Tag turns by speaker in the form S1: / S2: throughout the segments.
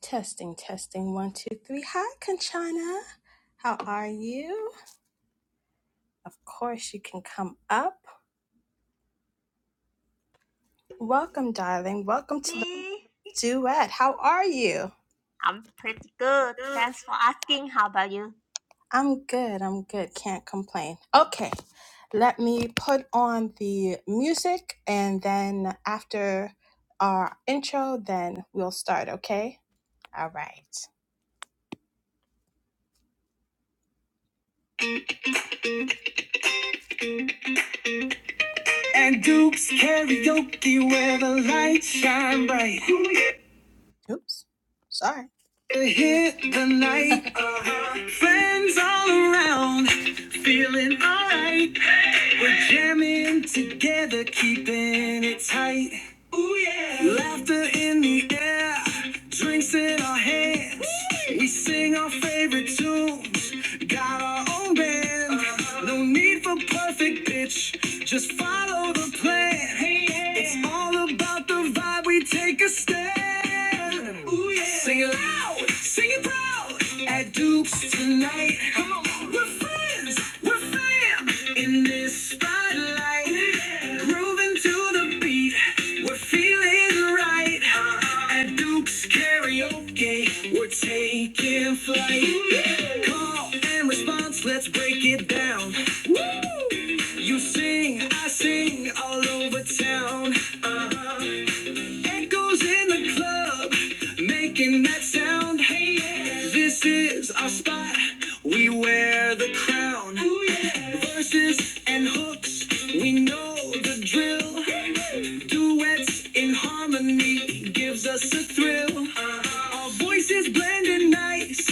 S1: Testing, testing, one, two, three. Hi, Conchana. How are you? Of course, you can come up. Welcome, darling. Welcome to the
S2: See,
S1: duet. How are you?
S2: I'm pretty good.
S1: Good.
S2: Thanks for asking. How about you?
S1: I'm good. I'm good. Can't complain. Okay, let me put on the music and then after our intro, then we'll start, okay? All right. And Duke's karaoke where the lights shine bright. Oops. Sorry. It hit the night. uh-huh. Friends all around. Feeling alright. We're jamming together, keeping it tight. Ooh, yeah. Laughter in the air, drinks in our hands. Woo! We sing our favorite tunes, got our own band. Uh-huh. No need for perfect pitch, just follow the plan. Hey, yeah. It's all about the vibe, we take a stand. Ooh, yeah. Sing it loud, sing it proud. At Duke's tonight, come on, we're friends, we're fam in this spotlight. Ooh, yeah. Grooving to the upbeat. We're feeling right. At Duke's Karaoke, we're taking flight. Call and response, let's break it down. You sing, I sing, all over town. Uh-huh. Echoes in the club, making that sound. Hey, yeah. this is our spot. We wear the crown. Ooh, yeah. Verses and hooks, we know the drill. Yeah. Duets in harmony gives us a thrill. Uh-huh. Our voices blending nice,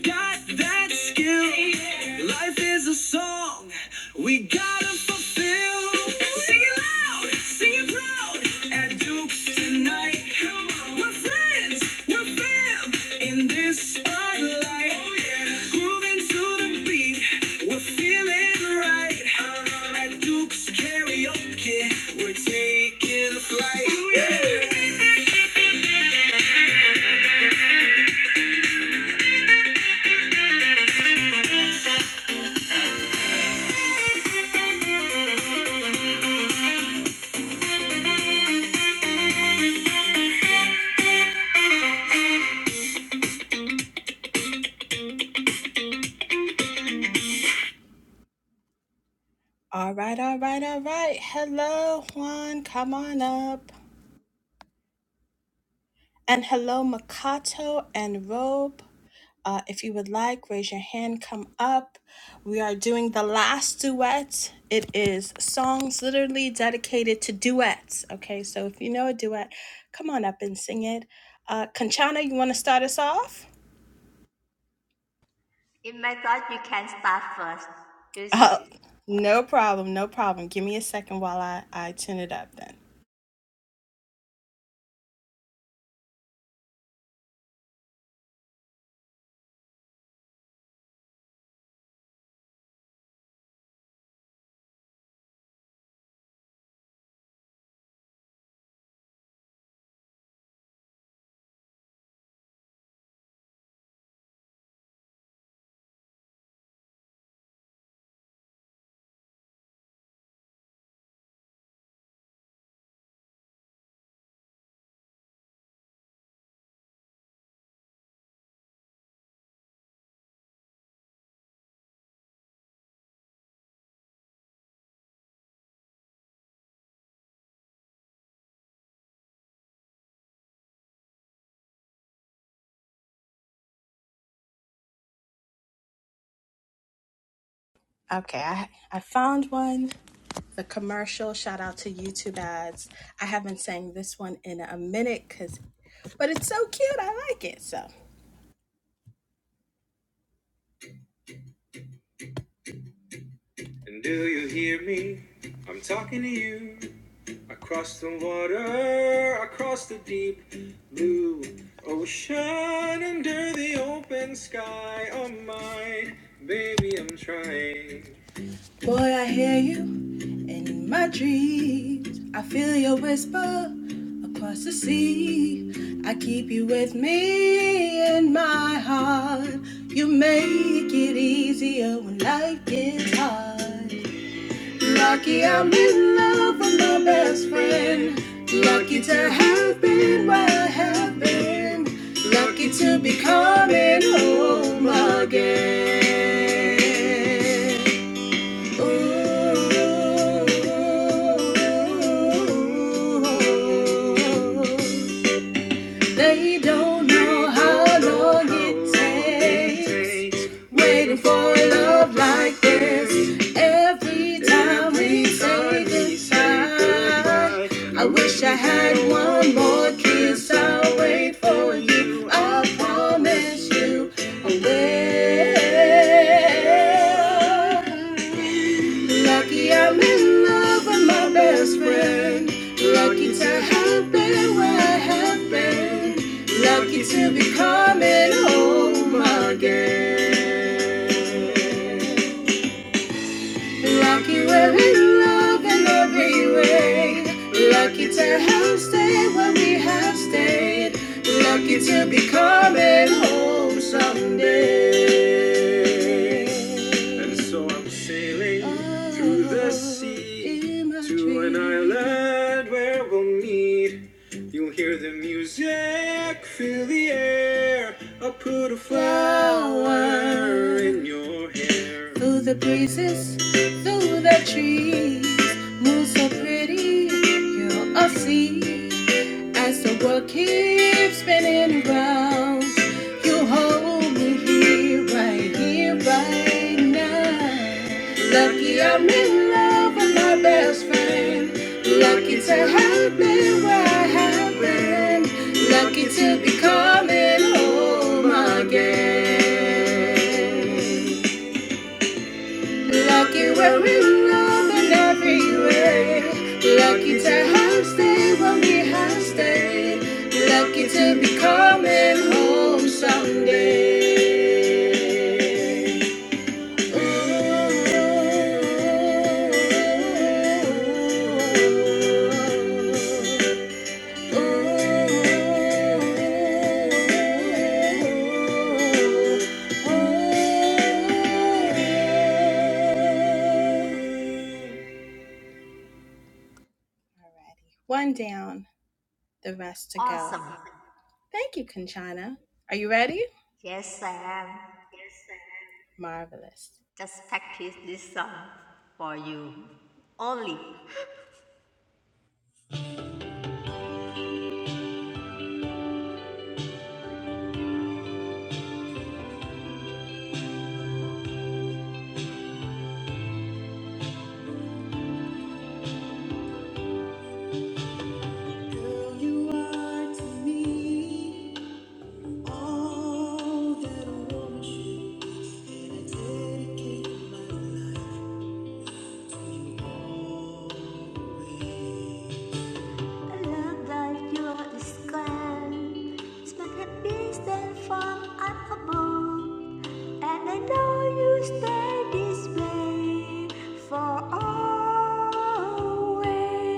S1: got that skill. Life is a song we gotta fulfill. Sing it loud, sing it proud at Duke's tonight. Come on. We're friends, we're fam in this spotlight. Oh, yeah. Grooving to the beat, we're feeling right. Uh-huh. At Duke's karaoke, we're taking flight. Oh, yeah. All right, all right, all right. Hello, Juan. Come on up. And hello, Makato and Robe. Uh, if you would like, raise your hand, come up. We are doing the last duet. It is songs literally dedicated to duets. Okay, so if you know a duet, come on up and sing it. Uh, Conchana, you want to start us off?
S2: In my thought, you can start first.
S1: Uh,
S2: Juicy.
S1: no problem, no problem. Give me a second while I, I tune it up then. Okay, I, I found one. the commercial shout out to youtube ads i haven't sang this one in a minute because but it's so cute i like it so and do you hear me i'm talking to you across the water across the deep blue ocean under the open sky oh my baby i'm trying boy i hear you And in my dreams, I feel your whisper across the sea. I keep you with me in my heart. You make it easier when life gets hard. Lucky I'm in love with my best friend. Lucky to have been where I have been. Lucky to be coming home again. They don't know how long it takes. Waiting for a love like this. Every time we say goodbye, I wish I had one more kiss. I'll wait for you. I promise you I will. Lucky I'm in love with my best friend. Lucky to have been where I have been. Lucky to be coming home again. Lucky we're in love in every way. Lucky to have stayed where we have stayed. Lucky to be coming home someday. And so I'm sailing Oh, through the sea to an island where we'll meet. You hear the music, feel the air. I'll put a flower in your hair. Through the breezes, through the trees, moon so pretty, you'll all see. As the world keeps spinning around, you hold me here, right here, right now. Lucky I'm in love with my best friend. Lucky to have been where I have been. Lucky to be coming home again. Like you were in love in every way. Lucky to have stayed when we have stayed. Lucky to be coming home someday. Ooh. One down, the rest to go.
S2: Awesome.
S1: Thank you, Conchana. Are you ready?
S2: Yes, I am.
S1: Marvelous.
S2: Just practice this song for you. Only. Girl, you are to me all that I want. A love like yours is grand. It's my happiness that from up above. And I know you stay this way for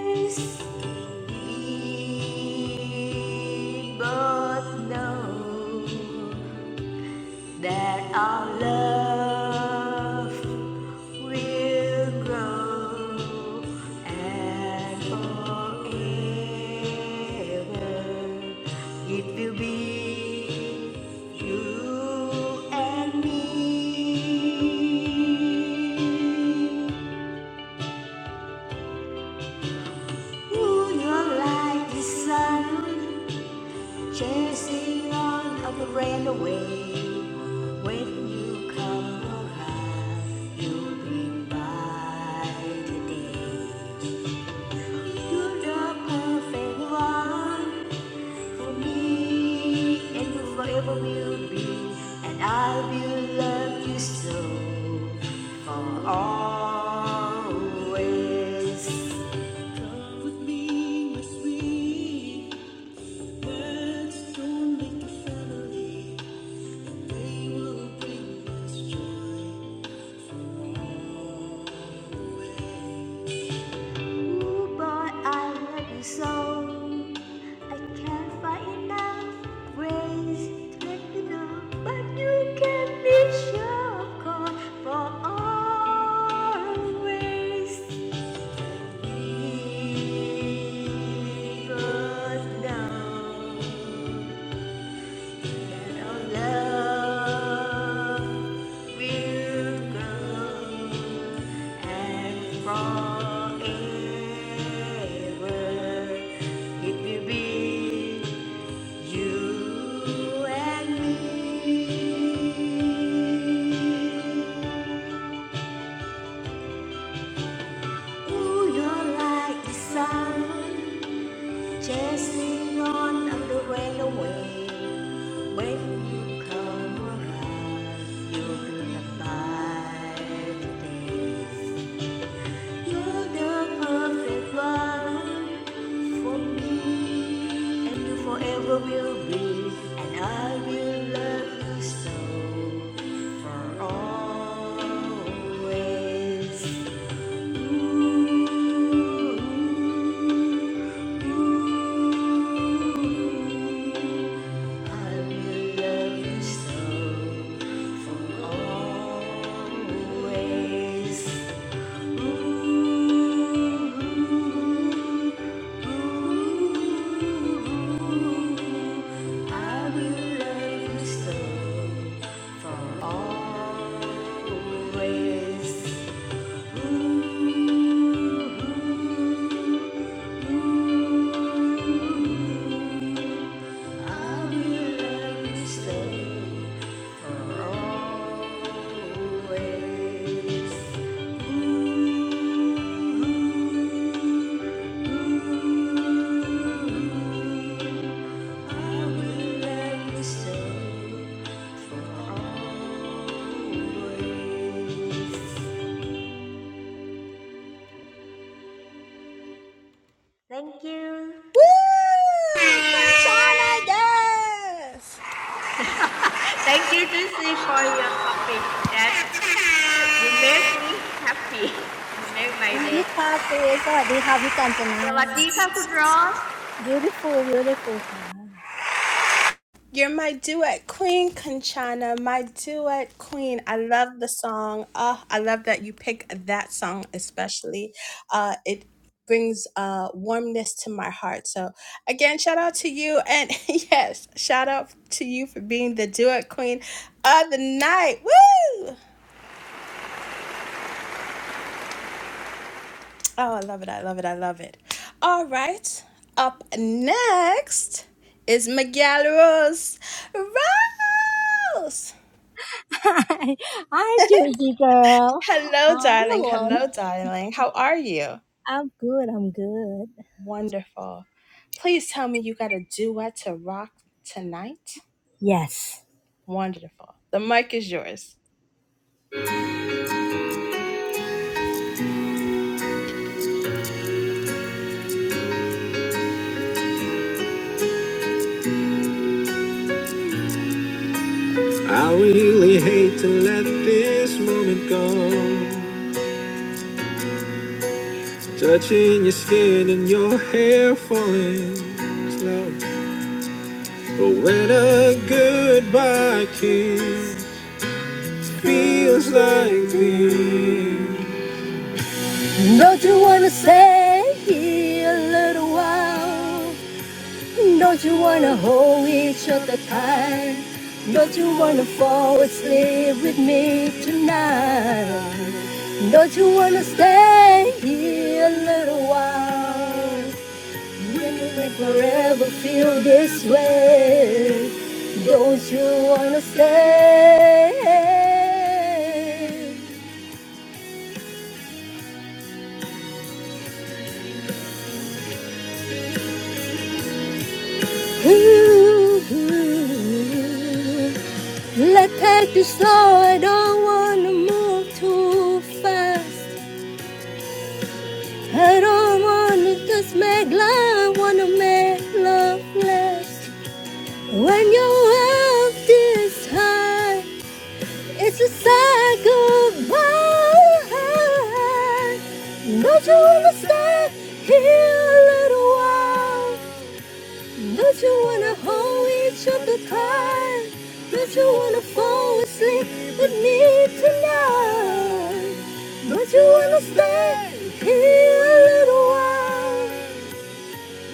S2: always. We both know that our love will grow and forever it will be you and me. Ooh, you're like the sun Chasing on of the rain away. When you come around, you bring by today. You're the perfect one for me, and you forever will be. And I will love you so for always. Come with me, my sweet. Let's go make a family. They will bring us joy. Ooh, boy, I love you so. I can't find enough ways to let you know. But you can be sure, of course, for always. Keep us now. Our love will grow and forever it will be you and me. Ooh, you're like sun Chasing on of the railway, when you come around, you're gonna today. You're the perfect one for me, and you forever will be, and I will love you so for always. Ooh. I will love you so for always. Ooh, ooh, I will love you so for always. Ooh, Thank you.
S1: Woo! Conchana, yes!
S2: Thank you, Tracy, for your topic that You make
S3: พี่คาเฟ่สวัสดีค่ะพี่กาญจนา
S2: me happy. You make my day. สวัสดีค่ะคุณ Rose.
S3: beautiful beautiful ค่ะ
S1: You're my duet queen, Conchana, my duet queen. I love the song. Uh, I love that you pick that song especially. Uh, it brings uh, warmness to my heart. So, again, shout out to you. And yes, shout out to you for being the duet queen of the night. Woo! Oh, I love it. I love it. I love it. All right. Up next is Miguel Rose. Rose!
S3: Hi Hi, Judy girl
S1: Hello,
S3: How are
S1: darling.
S3: you
S1: Hello, darling. How are you?
S3: I'm good I'm good
S1: Wonderful. Please tell me you got a duet to rock tonight.
S3: Yes
S1: Wonderful. The mic is yours.
S3: I really hate to let this moment go. Touching your skin and your hair falling slow. But when a goodbye kiss feels like this. Don't you wanna stay here a little while? Don't you wanna hold each other tight? Don't you wanna fall asleep with me tonight? Don't you wanna stay here a little while? When you make forever feel this way? Don't you wanna stay? Ooh. ooh, ooh. Let's take it slow. I don't wanna move too fast. I don't wanna just make love. Wanna make love last. When your health is high, it's a sad goodbye. Don't you wanna stay here a little while? Don't you wanna hold each other tight? Don't you wanna fall asleep with me tonight? Don't you wanna stay here a little while?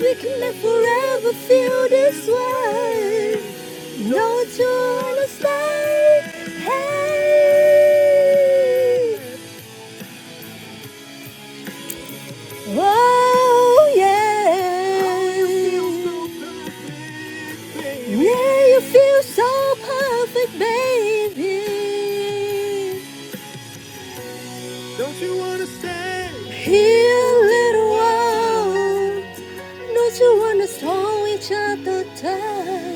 S3: We can live forever, feel this way. Don't you wanna stay? Hey, Oh, yeah. Yeah, you feel so perfect, baby. Don't you wanna stay here a little while? Don't you wanna slow each other down?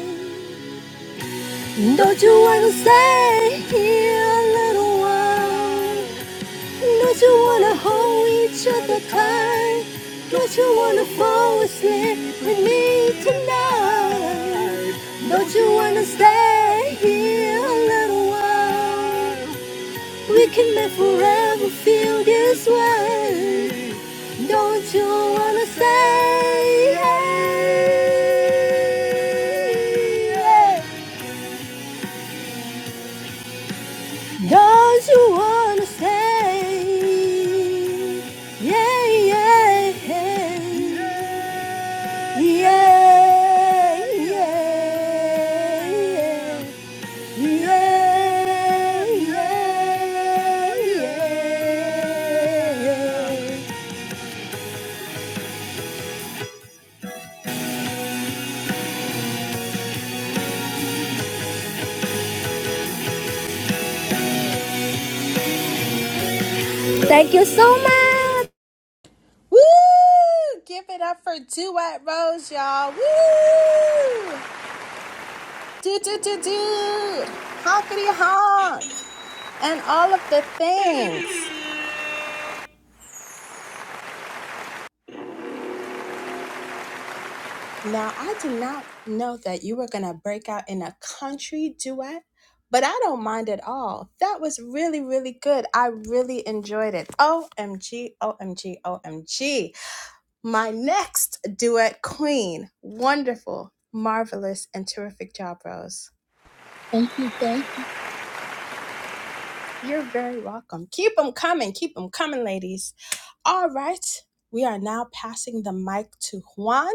S3: Don't you wanna stay here a little while? Don't you wanna hold each other tight? Don't you wanna fall asleep with me tonight? Don't you wanna stay here a little while? We can make forever feel this way. Don't you wanna stay? Don't you wanna stay? Yeah, yeah, yeah, yeah, yeah, yeah, yeah, yeah. Thank you so much.
S1: Woo! Give it up for Duet Rose, y'all. Woo! Do, do, do, do. Honkity honk. And all of the things. Now, I did not know that you were going to break out in a country duet, but I don't mind at all. That was really, really good. I really enjoyed it. OMG, OMG, OMG. My next duet queen. Wonderful, marvelous, and terrific job, Rose.
S3: Thank you, thank you.
S1: You're very welcome. Keep them coming. Keep them coming, ladies. All right. We are now passing the mic to Juan.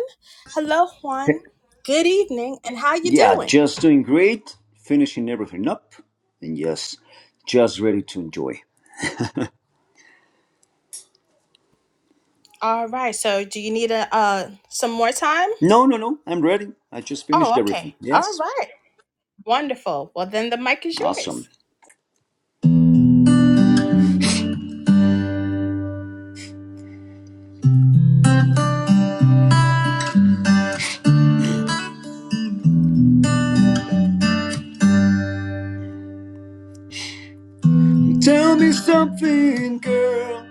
S1: Hello, Juan. Good evening, and how you
S4: Yeah,
S1: doing?
S4: just doing great, finishing everything up, and yes, just ready to enjoy.
S1: All right. So, do you need a uh some more time?
S4: No, no, no, I'm ready. I just finished
S1: Oh, okay.
S4: everything.
S1: All
S4: Yes,
S1: right. Wonderful. Well, then the mic is
S4: awesome.
S1: yours.
S4: Tell me something, girl.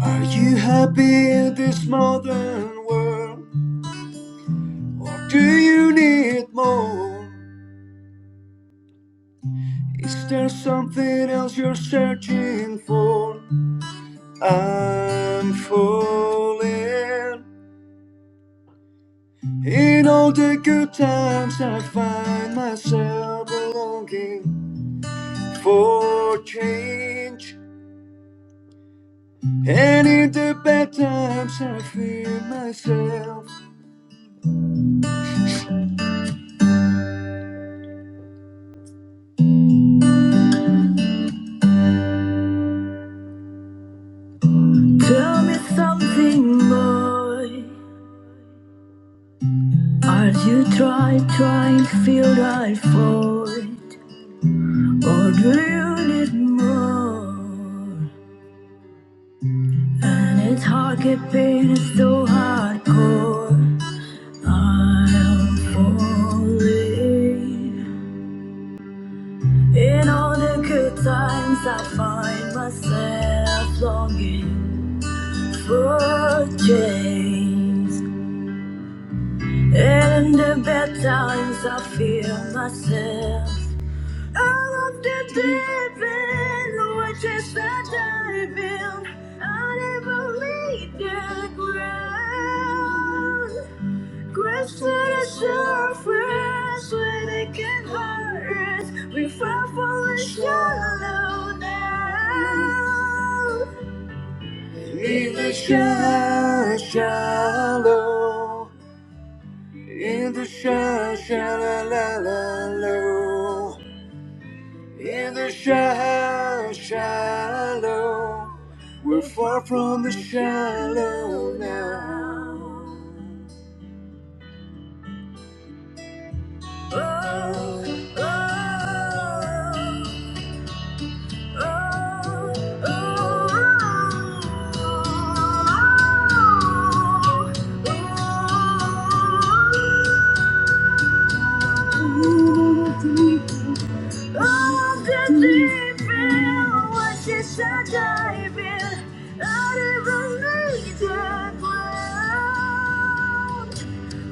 S4: Are you happy in this modern world? Or do you need more? Is there something else you're searching for? I'm falling. In all the good times, I find myself longing for change. And in the bad times, I fear myself. Tell me something, boy. Are you trying, trying to feel right for it? Or do you need more? And it's hard keeping it so hardcore. I'm falling. In all the good times, I find myself longing for change. And in the bad times, I feel myself out of the deep end, which is the diving. I never leave the ground. Grace to the surface where they can hurt us. We fall for the shallow now. In the shallow, shallow. In the shallow, shallow. In the shallow, shallow. We're far from the shallow now. oh, oh, oh, oh, oh, oh.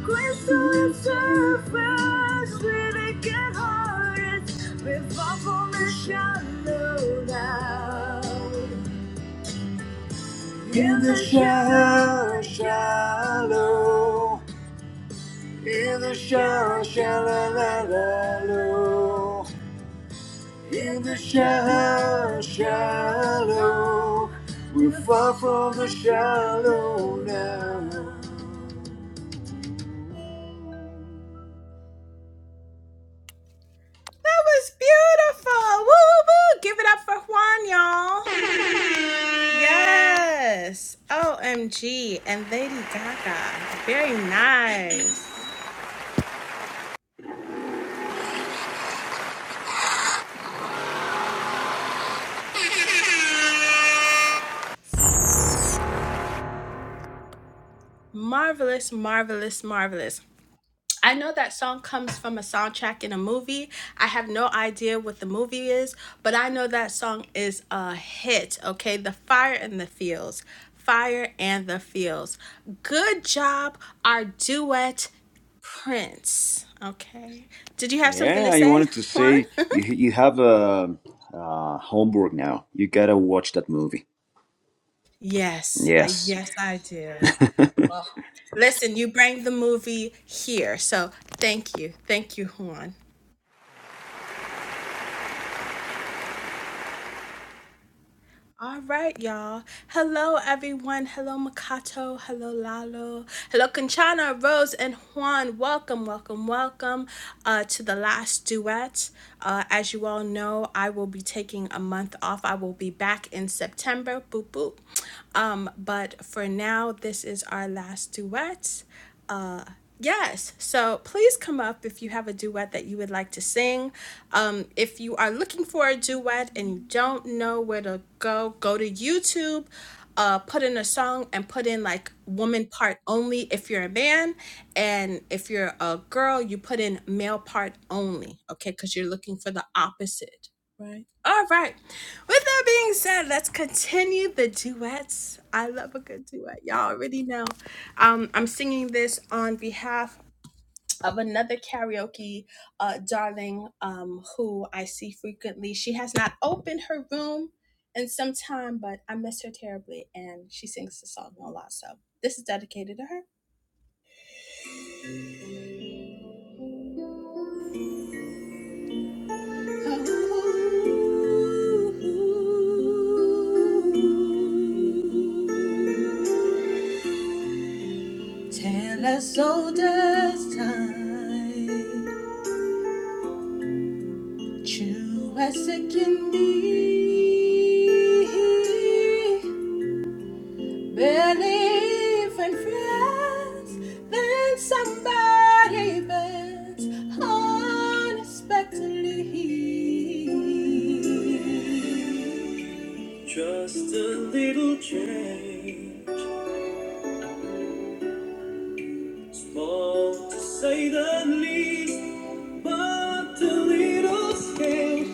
S4: Crystal surface, living hearts, revolve from the shallow now. In the shallow, shallow, in the shallow, shallow, la, la, low. In the shallow, shallow, we fall from the shallow now.
S1: That was beautiful. Woo woo woo. Give it up for Juan, y'all. Yes. OMG and Lady Gaga. Very nice. Marvelous, marvelous, marvelous. I know that song comes from a soundtrack in a movie. I have no idea what the movie is, but I know that song is a hit, okay? The Fire in the Fields. Fire and the Fields. Good job, our duet Prince. Okay. Did you have something
S4: Yeah,
S1: to
S4: I
S1: say,
S4: wanted to
S1: Juan?
S4: say you you have a uh, homework now. You gotta watch that movie.
S1: yes, I
S4: Yes,
S1: yes I do. Well, listen, you bring the movie here. So thank you. Thank you, Juan. All right, y'all. Hello, everyone. Hello, Makato. Hello, Lalo. Hello, Conchana, Rose, and Juan. Welcome, welcome, welcome uh, to the last duet. Uh, as you all know, I will be taking a month off. I will be back in September. Boop, boop. Um, but for now, this is our last duet. Uh, Yes. So please come up if you have a duet that you would like to sing. Um, if you are looking for a duet and you don't know where to go, go to YouTube, uh, put in a song and put in like woman part only if you're a man. And if you're a girl, you put in male part only, okay? Because you're looking for the opposite. Right. All right. With that being said, let's continue the duets. I love a good duet. Y'all already know. Um, I'm singing this on behalf of another karaoke uh, darling um, who I see frequently. She has not opened her room in some time, but I miss her terribly, and she sings the song a lot. So this is dedicated to her. Tell us, old time. True as it can be. barely in friends, then somebody bends unexpectedly. Just a little change, small to say the least, but a little scale.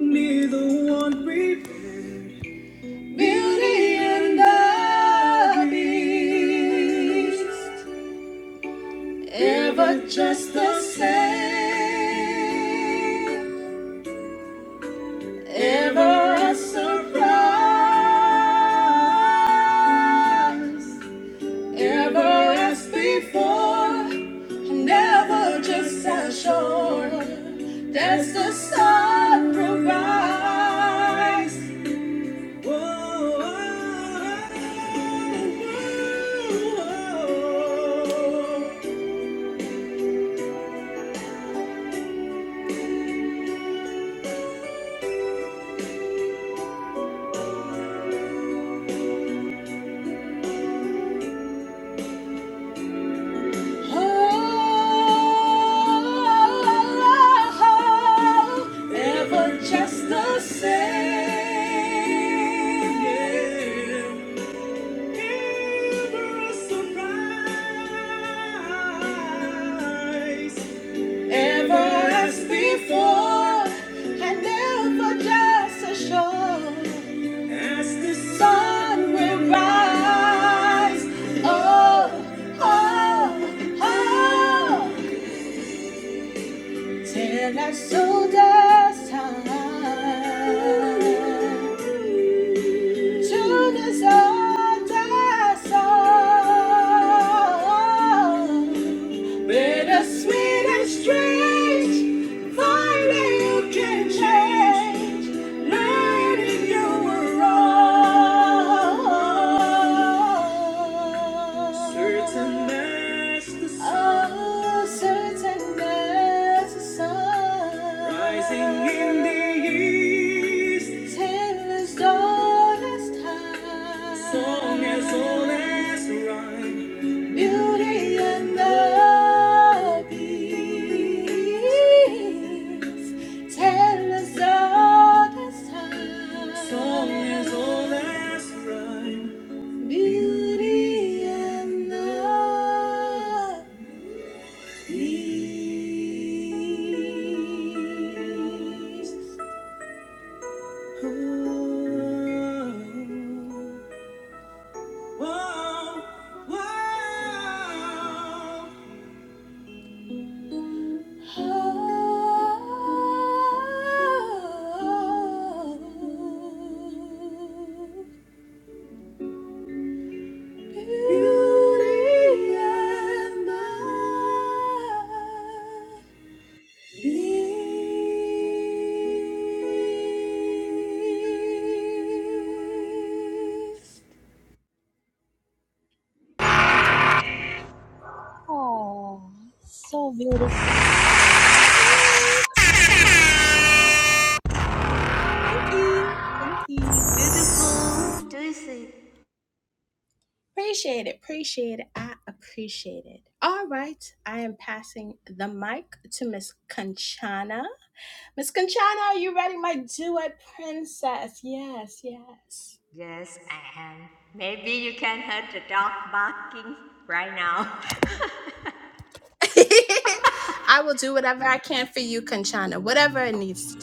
S1: Neither one reveals. Beauty and the Beast, ever just the same, ever a surprise, ever as before, never just as sure. That's the surprise. Ever just the same. Ever a surprise. Ever as before, and never just as sure. As the sun will rise, oh, oh, oh, till I know the time. Soon as all the sun, bitter sweet and strange, finally you can change, learning you were wrong. Certain as the sun rising in the east, tale as old as time, song as old as rhyme, beauty and the beast, tale as old, song as old as rhyme, beauty and the Peace. Ooh. Whoa, whoa. Thanks.
S3: Oh, so beautiful.
S1: Thank you. Thank you. Thank you.
S2: Beautiful. Do you see?
S1: Appreciate it. Appreciate it. I appreciate it. All right. I am passing the mic to Miss Conchana. Miss Conchana, are you ready, my duet princess? Yes, yes.
S2: Yes, I am. Maybe you can hear the dog barking right now.
S1: I will do whatever I can for you, Conchana, whatever it needs to do.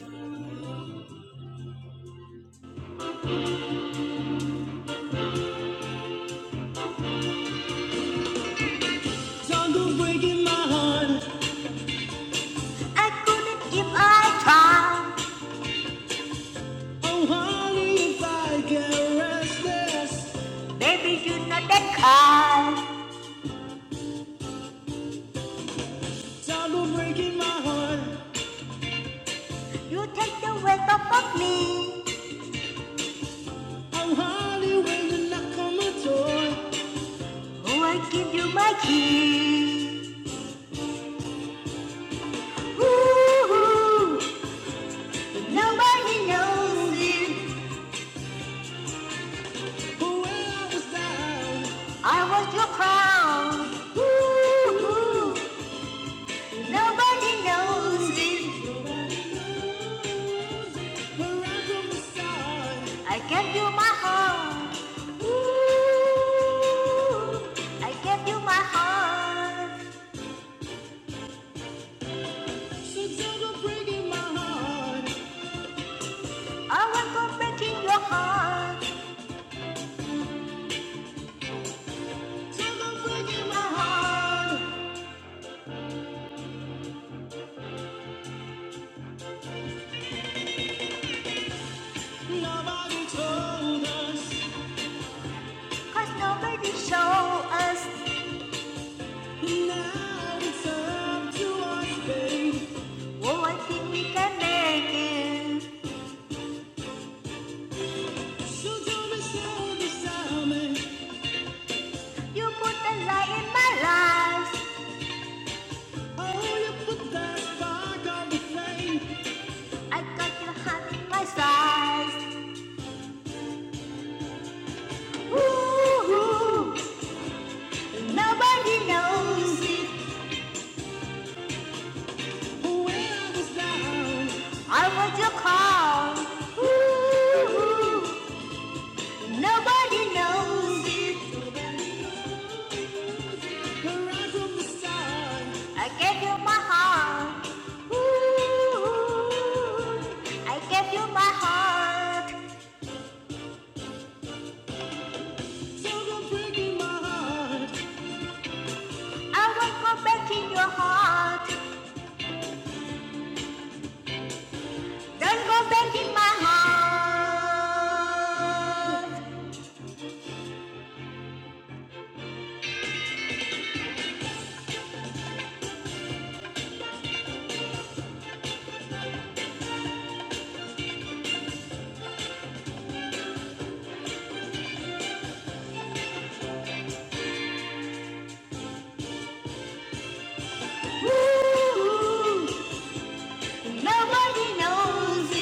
S2: Time goes breaking my heart. I couldn't if I tried. Oh, honey, if I get restless. Baby, you're not that kind. Time goes breaking my heart. You take the weight off of me. I'm hardly when you knock on my door. Oh, I give you my key. Ooh, ooh, but nobody knows it. But when I was down, I was your crown. Ooh, ooh, nobody knows it. where I from the start. I gave you my heart. Ooh, I gave you my heart. So don't go breaking my heart. I won't go breaking your heart. Don't go breaking my heart. Nobody told us. nobody show us. Now it's up to us, babe. Oh, I we can make it. So don't be sad beside me. You put the light in my life. Oh, you put that spark on the flame. I got your heart in my size. Ooh, nobody knows it. When I was down, I was your call. Ooh, nobody knows it. Right I gave you my heart. Ooh, I gave you my heart. So don't break in my heart. I won't go back in your heart. Don't go breaking my heart. Ooh, nobody knows it.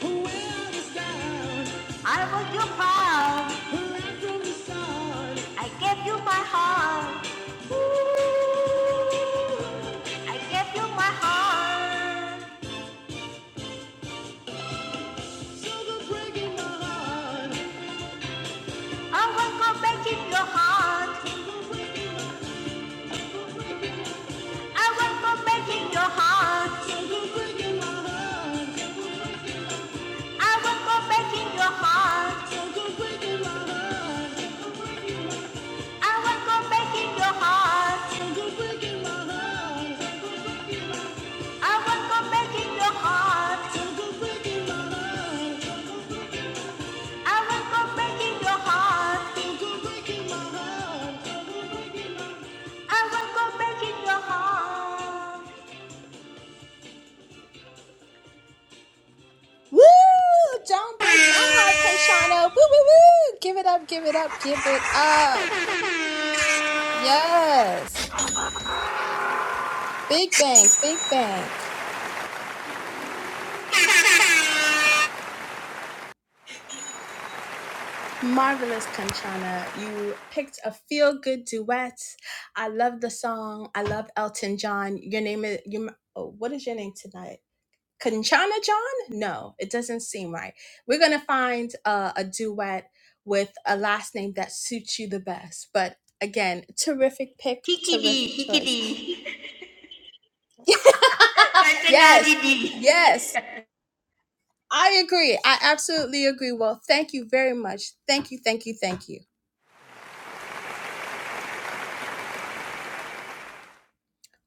S2: The world is gone. I was your proud. I gave you my heart. Ooh, I gave you my heart. So go break in my heart. I won't go breaking your heart. Go break in my heart. Go break in my heart. I went from breaking your heart. I went from breaking your heart. I went from breaking your heart. I went from breaking your heart. I went from breaking your heart. I went from breaking your heart.
S1: Woo! Don't break my heart, Conchano. Woo, woo, woo! Give it up, give it up, give it up. Yes. Big bang, big bang. Marvelous, Conchana. You picked a feel good duet. I love the song. I love Elton John. Your name is, you, oh, what is your name tonight? Kanchana John? No, it doesn't seem right. We're going to find uh, a duet with a last name that suits you the best. But again, terrific pick,
S2: Kikidi,
S1: terrific choice.
S2: kikidi, Kanchana
S1: yes,
S2: didi.
S1: yes, I agree. I absolutely agree. Well, thank you very much. Thank you, thank you, thank you.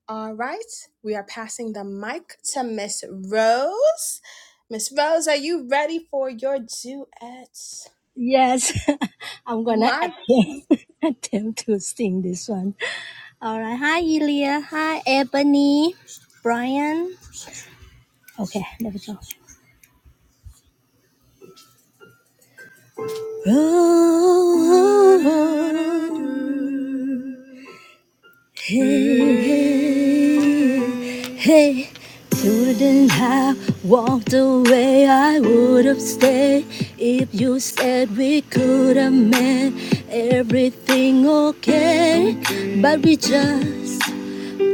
S1: All right, we are passing the mic to Miss Rose. Miss Rose, are you ready for your duets?
S3: Yes, I'm gonna
S1: My
S3: attempt, attempt to sing this one. All right. Hi, Elia. Hi, Ebony. Brian. Okay, there we go. Road Hey, hey, hey. Couldn't have walked away. I would have stayed if you said we could have made everything okay. But we just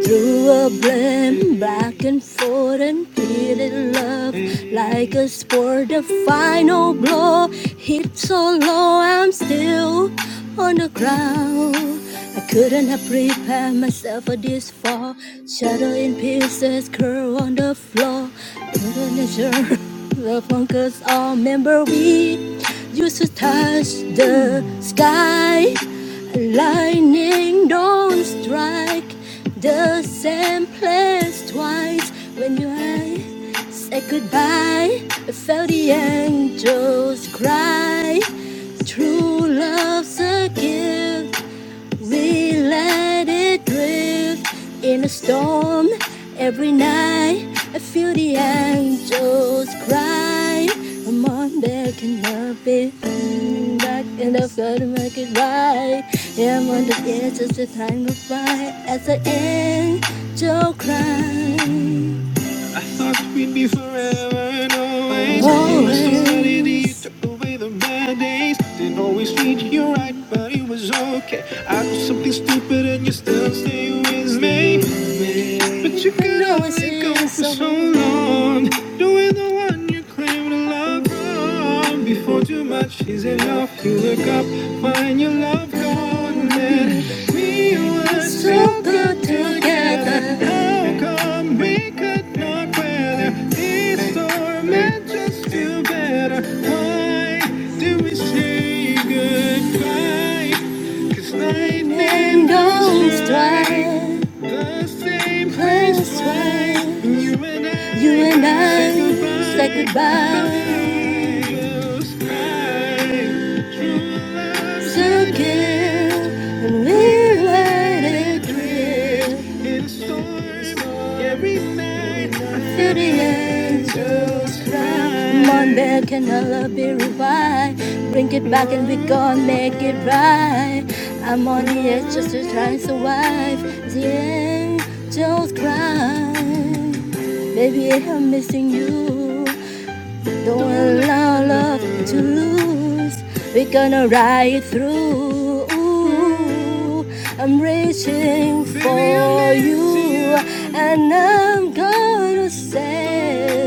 S3: through a blend, back and forth, and feeling love like a sport. The final blow hit so low, I'm still on the ground. I couldn't have prepared myself for this fall. Shadow in pieces, curl on the floor. Couldn't ensure the funkers all remember we used to touch the sky. Lightning don't strike the same place twice. When you I said goodbye, I felt the angels cry. True love's a gift we let it drift in a storm every night. I feel the angels cry. A mom that cannot be back, and I've got to make it right. Yeah, I'm on the edge of the time goes by as the angel cries. I thought we'd be forever and always. It was somebody that you took away the bad days. Didn't always treat you right, but it was okay. I know something stupid and you still stay with me. But you could only go for so so long. long. Doing the one you claim claim to love from before too much is enough. You wake up, find your love gone, and we were so good together. How come we could not weather this storm and just do better? Why do we say goodbye? Cause lightning goes twice. The same place where you and you I you and said I said goodbye. goodbye. Those times, true love's So a gift. and We let it drift in a storm every night. I Feel the angels cry. cry. Monday can never be revived. Bring it back and we gon' make it right. I'm on the edge just to try and survive. The angels cry. Baby, I'm missing you. Don't allow love to lose. We're gonna ride through. Ooh, I'm reaching for you, and I'm gonna say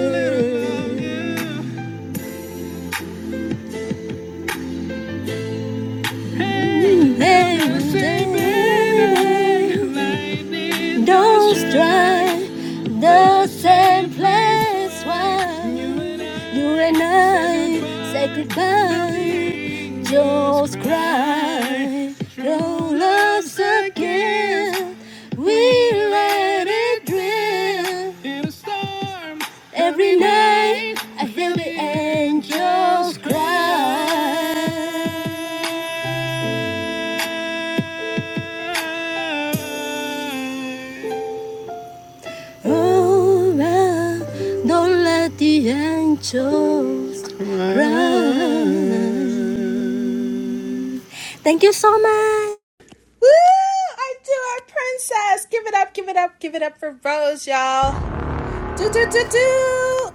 S3: Don't strike the same place while you and I say goodbye. Just cry, roll us again. We let it drift in a storm. Every night I hear the angels cry. Around, don't let the angels run. Thank you so much.
S1: Woo! I do our princess. Give it up, give it up, give it up for Rose, y'all. Do do do do.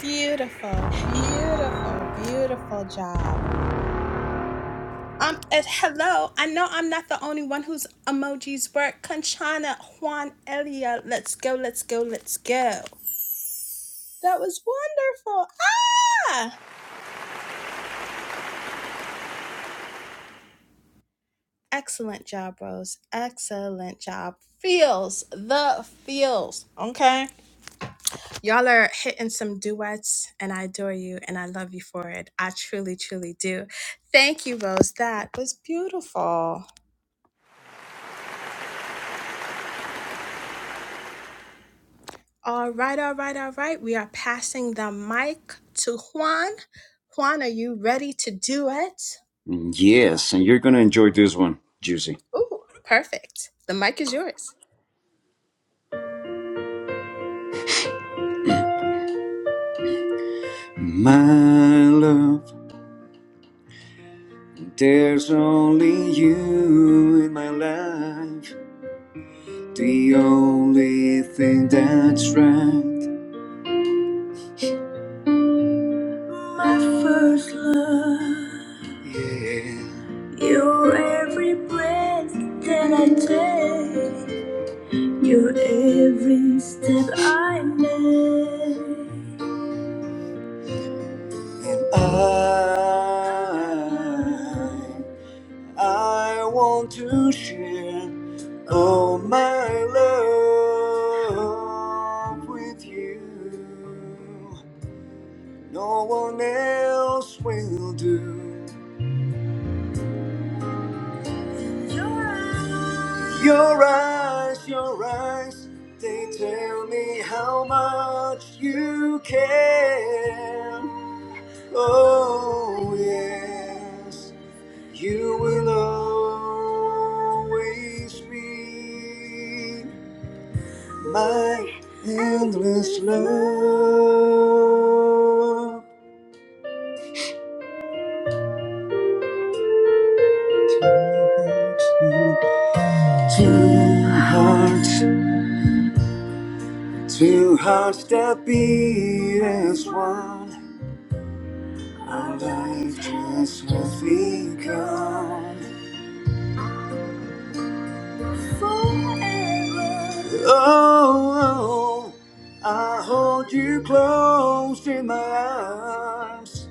S1: Beautiful, beautiful, beautiful job. Um, and hello. I know I'm not the only one whose emojis work. Conchana, Juan, Elia. Let's go, let's go, let's go. That was wonderful. Ah! Excellent job, Rose. Excellent job. Feels the feels. Okay. Y'all are hitting some duets, and I adore you and I love you for it. I truly, truly do. Thank you, Rose. That was beautiful. All right, all right, all right. We are passing the mic to Juan. Juan, are you ready to duet?
S4: yes, and you're gonna enjoy this one, Juicy.
S1: Ooh, perfect. The mic is yours.
S4: My love, there's only you in my life. The only thing that's right. My first love. Yeah. You're every breath that I take. You're every step I make. I, I want to share all my love with you. No one else will do. Your eyes, your eyes, your eyes, they tell me how much you care. Oh, yes, you will always be my endless love. Two hearts, two hearts that beat as one. Our life just has begun. Oh, oh, I hold you close in my arms.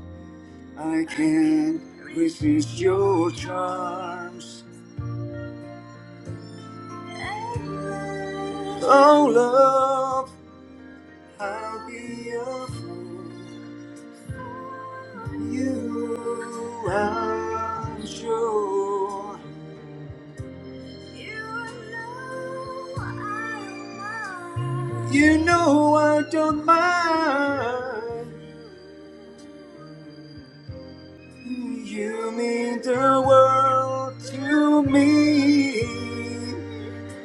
S4: I can't resist your charms. Oh, love, I'll be your fool. You, I'm sure. You know I don't mind. You mean the world to me.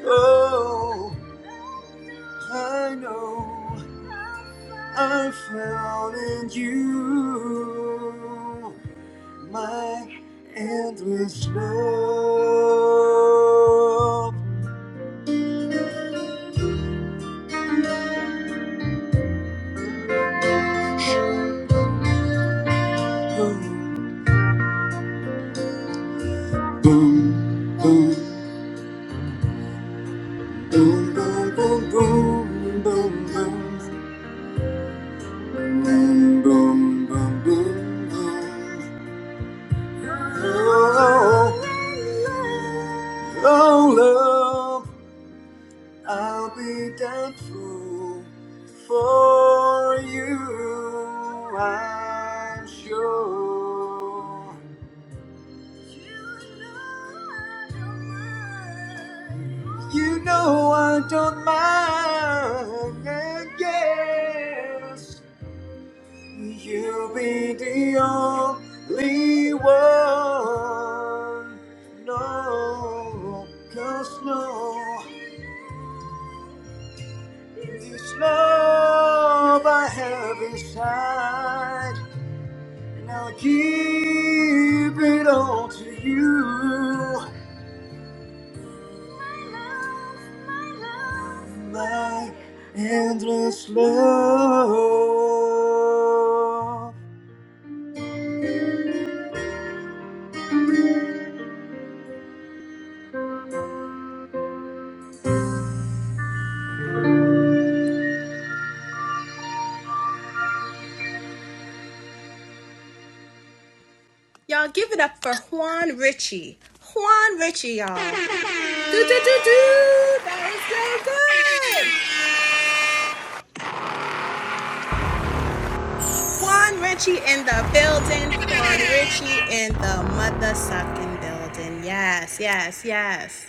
S4: Oh, I know I found in you my endless love. Boom, boom, boom. Boom, boom, boom, boom, boom, boom, boom, boom, boom, boom, boom. Oh, oh, love, I'll be thankful for you, I'm sure. You know I don't mind, yes. You'll be the only one. No, cause no, this love I have inside, and I'll give it all to you. My endless love.
S1: Y'all give it up for Juan Ritchie. Juan Ritchie, y'all. Do, do, do, do. That was so good. Juan Richie in the building. Juan Richie in the mother sucking building. Yes, yes, yes.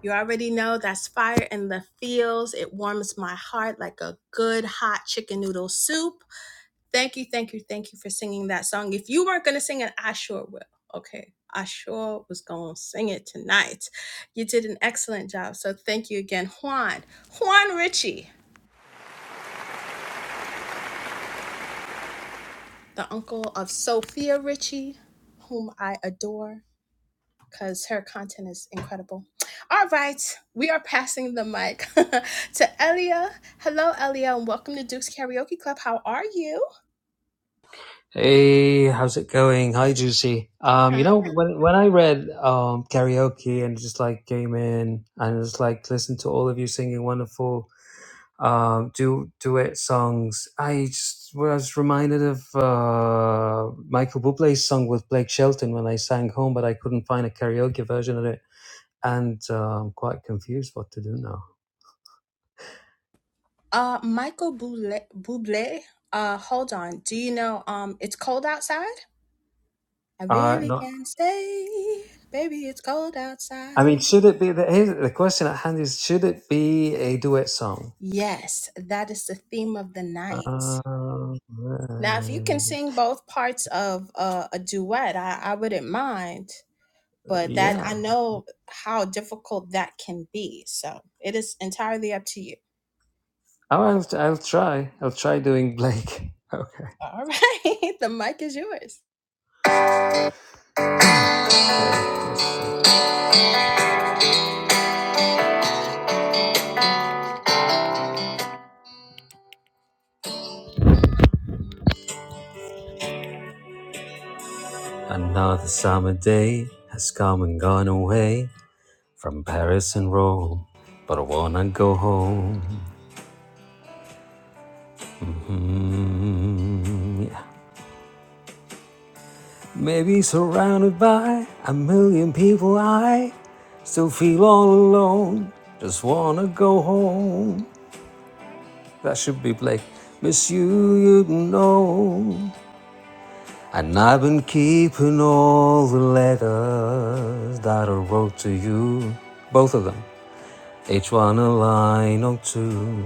S1: You already know that's fire in the fields. It warms my heart like a good hot chicken noodle soup. Thank you, thank you, thank you for singing that song. If you weren't going to sing it, I sure will. Okay. I sure was going to sing it tonight. You did an excellent job. So thank you again, Juan. Juan Richie, the uncle of Sophia Richie, whom I adore because her content is incredible. All right, we are passing the mic to Elia. Hello, Elia, and welcome to Duke's Karaoke Club. How are you?
S5: Hey, how's it going? Hi, Juicy. Um, you
S1: Hi.
S5: know, when when I read um karaoke and just like came in and just like listened to all of you singing wonderful um du duet songs, I just was reminded of uh Michael Bublé's song with Blake Shelton when I sang home, but I couldn't find a karaoke version of it, and uh, I'm quite confused what to do now.
S1: Uh, Michael Bublé. Bublé. Uh, hold on. Do you know? Um, it's cold outside. I
S5: Uh,
S1: really
S5: not.
S1: can't stay, baby. It's cold
S5: I mean,
S1: outside.
S5: should it be the, here's the question at hand is should it be a duet song?
S1: Yes, that is the theme of the night.
S5: Um,
S1: Now, if you can
S5: uh,
S1: sing both parts of uh, a duet, I, I wouldn't mind. but that
S5: yeah,
S1: I know how difficult that can be. So it is entirely up to you.
S5: I'll, I'll try. I'll try doing Blake. Okay.
S1: All right, the mic is yours.
S5: Another summer day has come and gone away from Paris and Rome, but I wanna go home. Mhm. Yeah. Maybe surrounded by a million people, I still feel all alone. Just wanna go home. That should be Blake. Miss you, you know. And I've been keeping all the letters that I wrote to you, both of them, each one a line or two.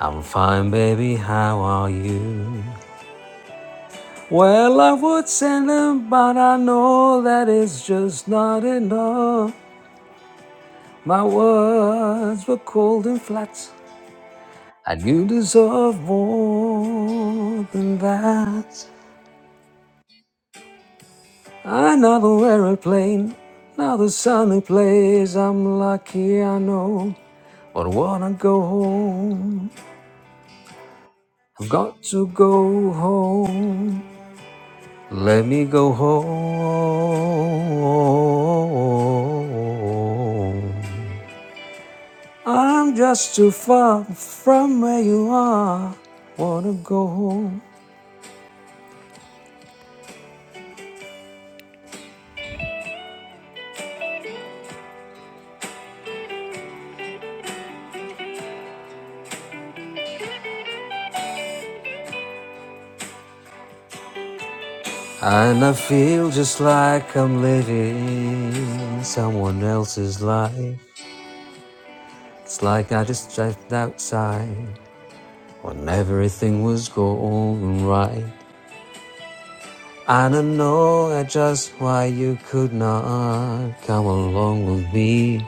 S5: I'm fine, baby, how are you? Well, I would send them, but I know that it's just not enough. My words were cold and flat, and you deserve more than that. Another aeroplane, another sunny place. I'm lucky, I know, but I wanna go home. I've got to go home. Let me go home. I'm just too far from where you are. Wanna go home. And I feel just like I'm living someone else's life. It's like I just stepped outside when everything was going right. I don't know just why you could not come along with me,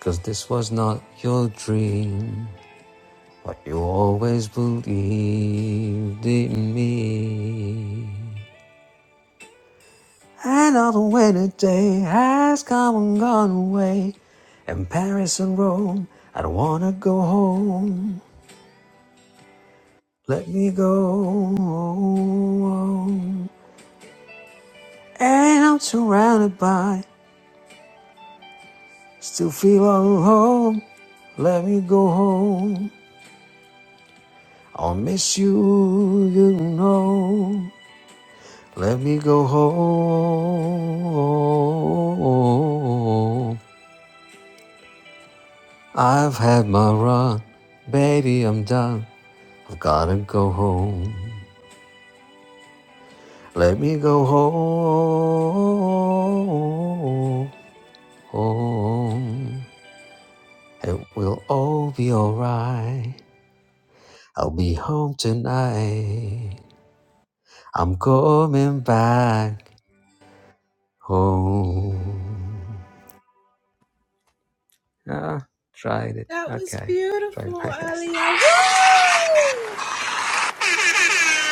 S5: 'cause this was not your dream, but you always believed in me. Another winter day has come and gone away. In Paris and Rome, I don't wanna go home. Let me go. And I'm surrounded by, still feel alone. Let me go home. I'll miss you, you know. Let me go home. I've had my run. Baby, I'm done. I've gotta go home. Let me go home. It will all be alright. I'll be home tonight. I'm coming back home. Ah, tried it.
S1: That was
S5: Okay, tried my
S1: beautiful,
S5: best.
S1: Alia. Woo!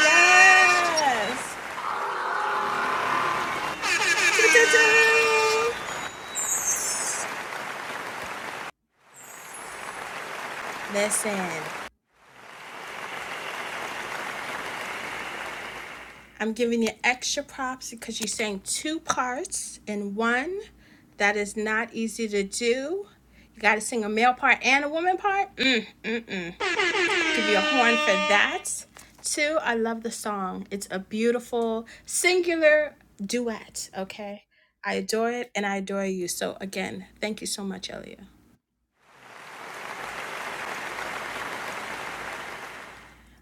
S1: Yes. Ta-ta-ta. Listen, I'm giving you extra props because you sang two parts in one. That is not easy to do. You got to sing a male part and a woman part. Mm, mm, mm. Give you a horn for that. Two, I love the song. It's a beautiful singular duet, okay? I adore it and I adore you. So again, thank you so much, Elia.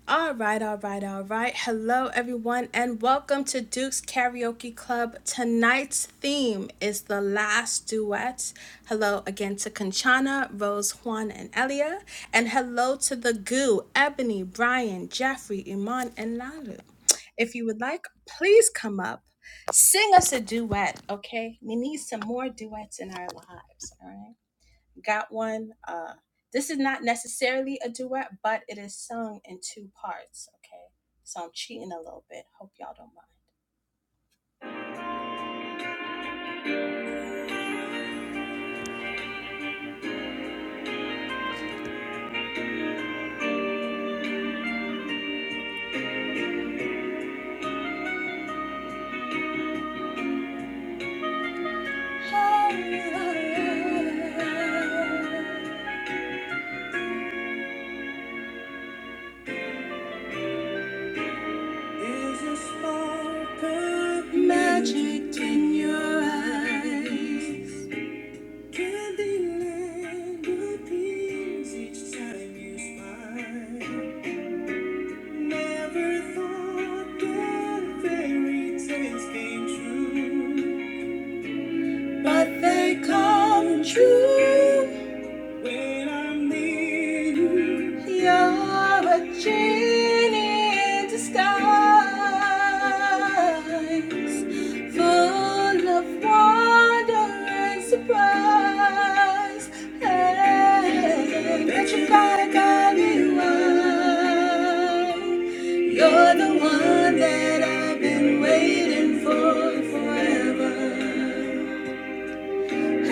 S1: All right, all right, all right. Hello, everyone, and welcome to Duke's Karaoke Club. Tonight's theme is the last duet. Hello again to Conchana, Rose, Juan, and Elia. And hello to the goo, Ebony, Brian, Jeffrey, Iman, and Lalu. If you would like, please come up, sing us a duet, okay? We need some more duets in our lives, all right? got one. Uh, this is not necessarily a duet, but it is sung in two parts. Okay, so I'm cheating a little bit. Hope y'all don't mind. Is a spark of magic in your eyes? Candyland appears each time you smile. Never thought that fairy tales came true. But they come true when I'm near you. You're a genie in disguise, full of wonder and surprise. Hey, that you gotta got me right. You're the one that I've been waiting for forever.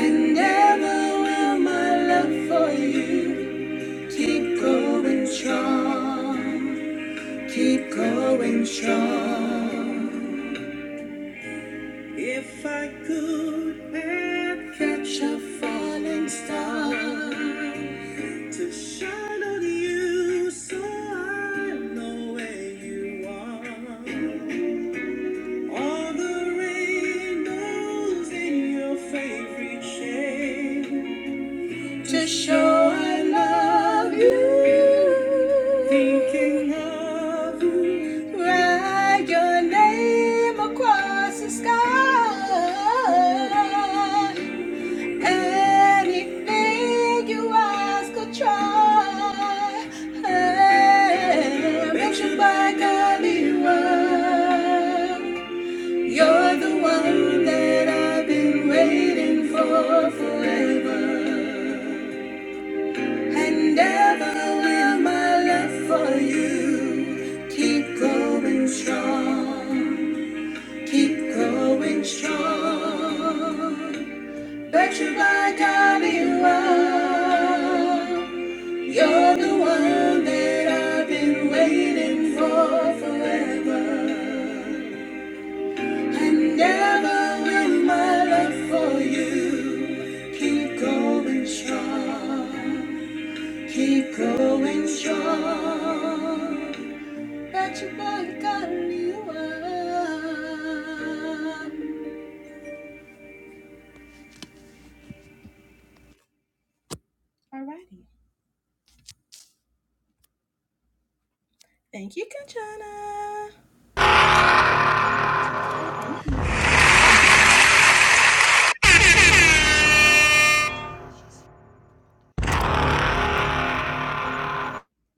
S1: And Never will my love for you keep going strong, keep going strong. If I could but catch a falling star to shine on you so I know where you are. All the rainbows in your favorite shade. to show I love you. Thinking of you, write your name across the sky. Anything you ask, I'll try. Make sure by God You're the one that I've been waiting for for And ever will my love for you keep growing strong, keep growing strong. Bet you by God you are. Bet you by God you are. Alrighty. Thank you, Kanchana. Thank you. Thank you.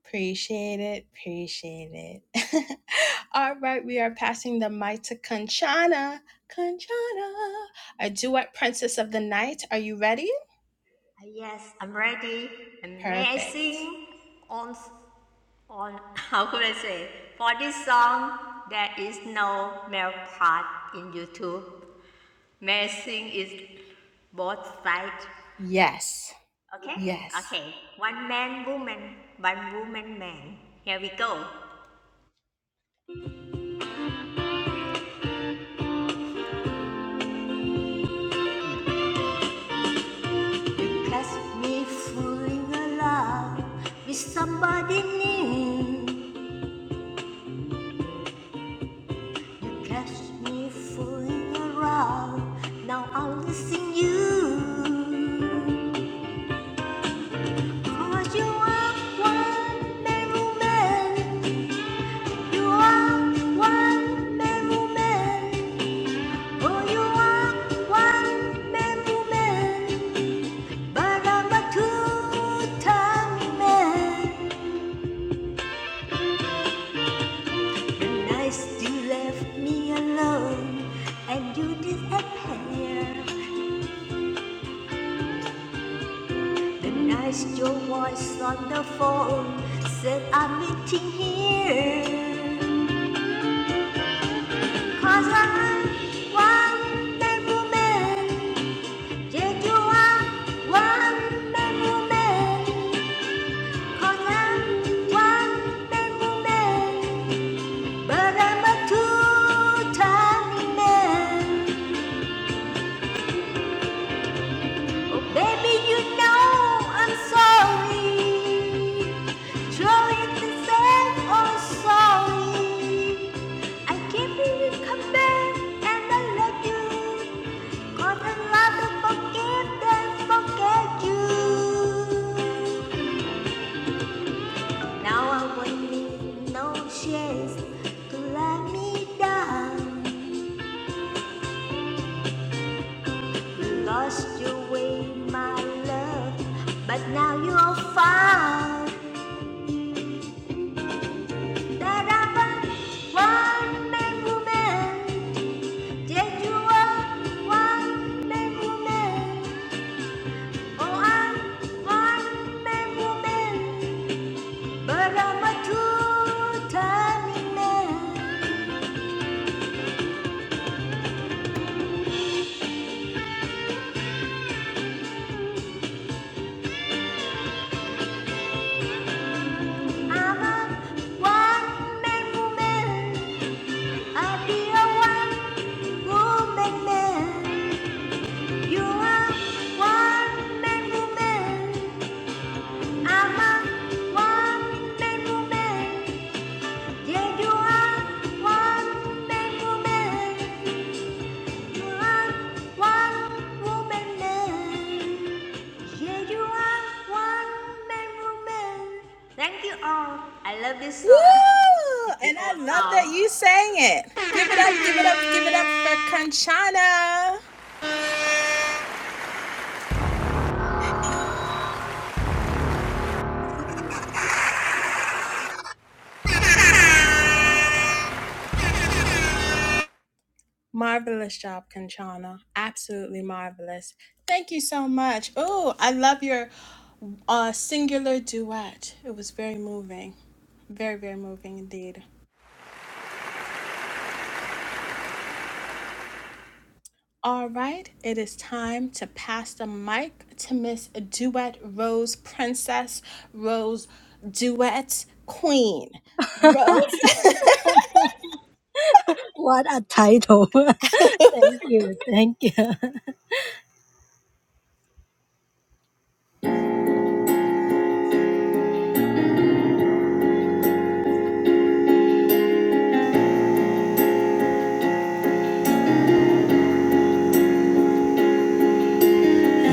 S1: Appreciate it. Appreciate it. All right, we are passing the mic to Kanchana. Kanchana, a duet princess of the night. Are you ready?
S2: Ah, Yes, I'm ready.
S1: Perfect.
S2: Amazing on, on how could I say? For this song, there is no male part in YouTube. Amazing is both sides.
S1: Yes.
S2: Okay,
S1: Yes.
S2: okay. One man, woman, one woman, man. Here we go. You catch me falling in love with somebody new. You catch me fooling around. Now I'm missing you. Cause you are one man woman. You are one man woman. Oh, you are one man woman. But I'm a two-time man. And I still left me alone. And you disappear. The night your voice on the phone said I'm meeting here. Cause I'm one man woman. Yet you are one man woman. Cause I'm one man woman. But I'm a two time man. Oh baby, you know I'm sorry. Truly the same, oh sorry. I can't believe you come back and I love you. God, I love to forgive and forget you. Now I won't need no chance to let me down. You lost your way, my love, but now you're found. That I'm a one man woman. Yes, you are one man woman. Oh, I'm one man woman. But I'm a two timing man. I'm a one man woman. i be a one woman man. You are one man woman. I'm a one man woman. Yeah, you are one man woman. You are one woman man. Here you are, one man woman. Thank you all. I love this
S1: Woo!
S2: song. It's the
S1: And I
S2: old
S1: love that
S2: song.
S1: you sang it. Give it up, give it up, give it up for Kanchana. Marvelous job, Kanchana! Absolutely marvelous. Thank you so much. Oh, I love your uh, singular duet. It was very moving. Very, very moving indeed. All right, it is time to pass the mic to Miss Duet Rose Princess, Rose Duet Queen. Rose?
S3: What a title. thank you. Thank you.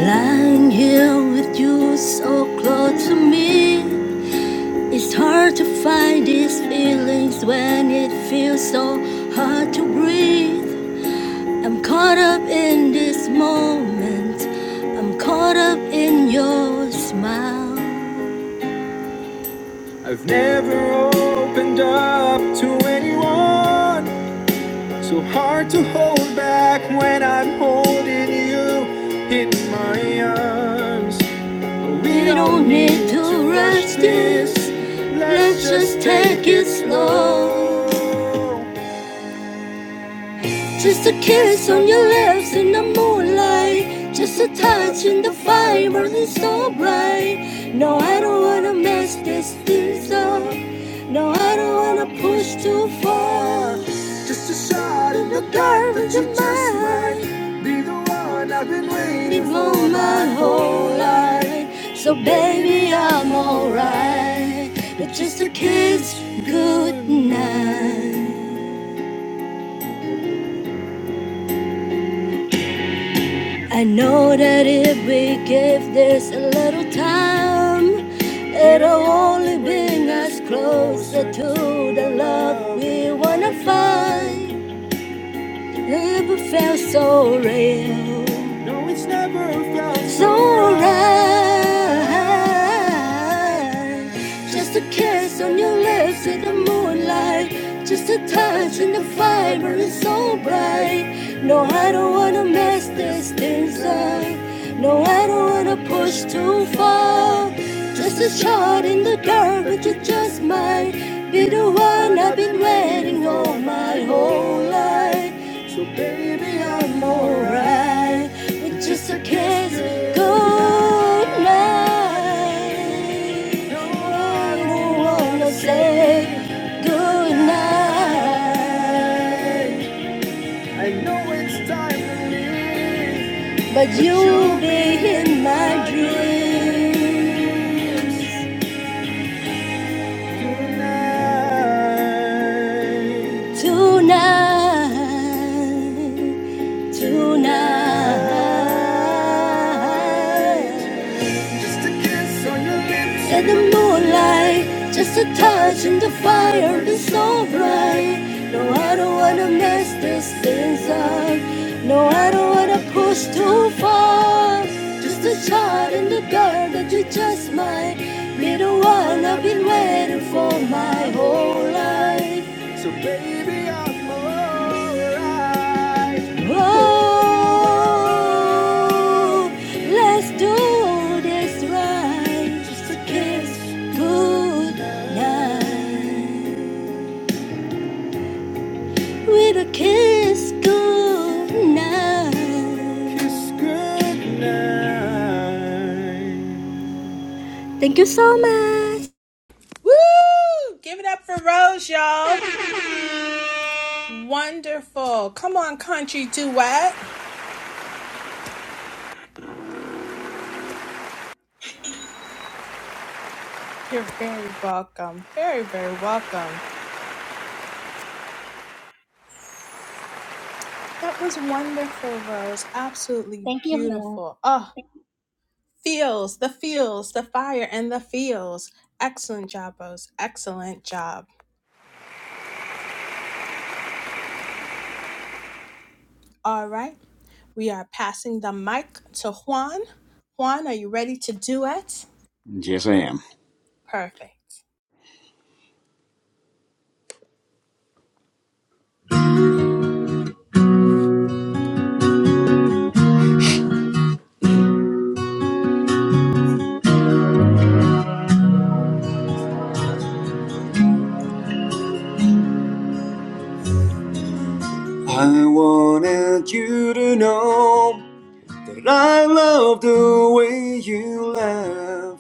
S3: Lying here with you so close to me, it's hard to find these feelings when it feels so hard to breathe. I'm caught up in this moment, I'm caught up in your smile. I've never opened up to anyone, so hard to hold back when I'm holding you in my arms. We don't need to rush this. Let's just take it slow. Just a kiss on your lips in the moonlight. Just a touch in the fire burning so bright. No, I don't wanna mess this things up. No, I don't wanna push too far. Just a shot in the garbage of mine. Be the one I've been waiting for my whole life. So baby, I'm alright. But just a kiss, good night. I know that if we give this a little time, it'll only bring us closer to the love we wanna find never felt so real. No, it's never felt so right. Just a kiss on your lips in the moonlight. Just a touch and the fiber is so bright. No, I don't wanna mess this things up. No, I don't wanna push too far. Just a shot in the dark, but you are just mine. Be the one I've been waiting on my whole life. So baby, I'm alright. It just a kiss, good night. No, I don't wanna say good night. I know it's time to leave, but you'll be in my dreams. Tonight, tonight, Tonight. Just a kiss on your lips. In the moonlight, just a touch in the fire is so bright. No, I don't wanna mess these things up. No, I don't wanna push too far. Just a shot in the dark that you just might be the one I've been waiting for my whole life. So baby, I'm alright. Oh, let's do this right. Just a kiss, good night. With a kiss, good night. Kiss, good night. Thank you so much.
S1: Woo! Give it up for Rose, y'all. Wonderful. Come on, country duet. You're very welcome. Very, very welcome. That was wonderful, Rose. Absolutely
S3: Thank you.
S1: beautiful. Oh, feels, the feels, the fire, and the feels. Excellent job, Rose. Excellent job. All right. We are passing the mic to Juan. Juan, are you ready to duet?
S4: Yes, I am.
S1: Perfect.
S4: I wanted you to know. And I love the way you laugh.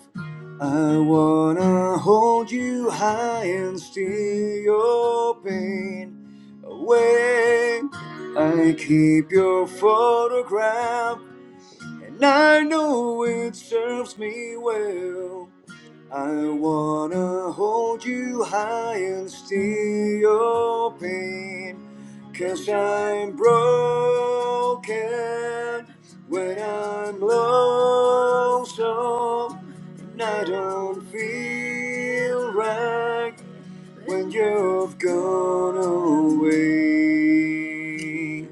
S4: I wanna hold you high and steal your pain away. I keep your photograph, and I know it serves me well. I wanna hold you high and steal your pain, i I'm broken when I'm lonesome. And I don't feel right when you've gone away.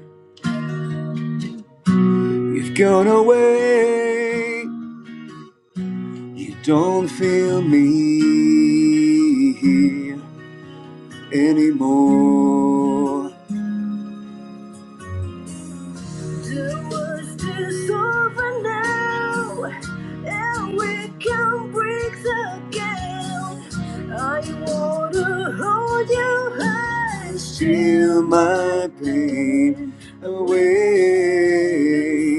S4: You've gone away, you don't feel me. here. anymore. The worst is over now, and we can breathe again. I wanna hold you high, steal my pain away.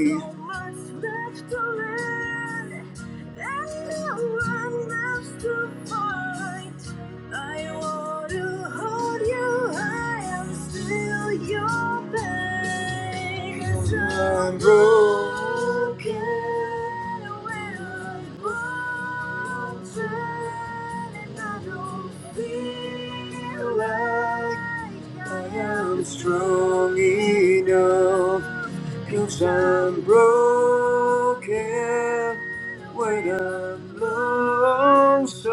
S4: So much left to learn, and no one left to fight. I want to hold you. I am still your pain. Cause I'm It's unbroken. We're and I don't feel like I am strong enough. Cause I'm broken when I'm lonesome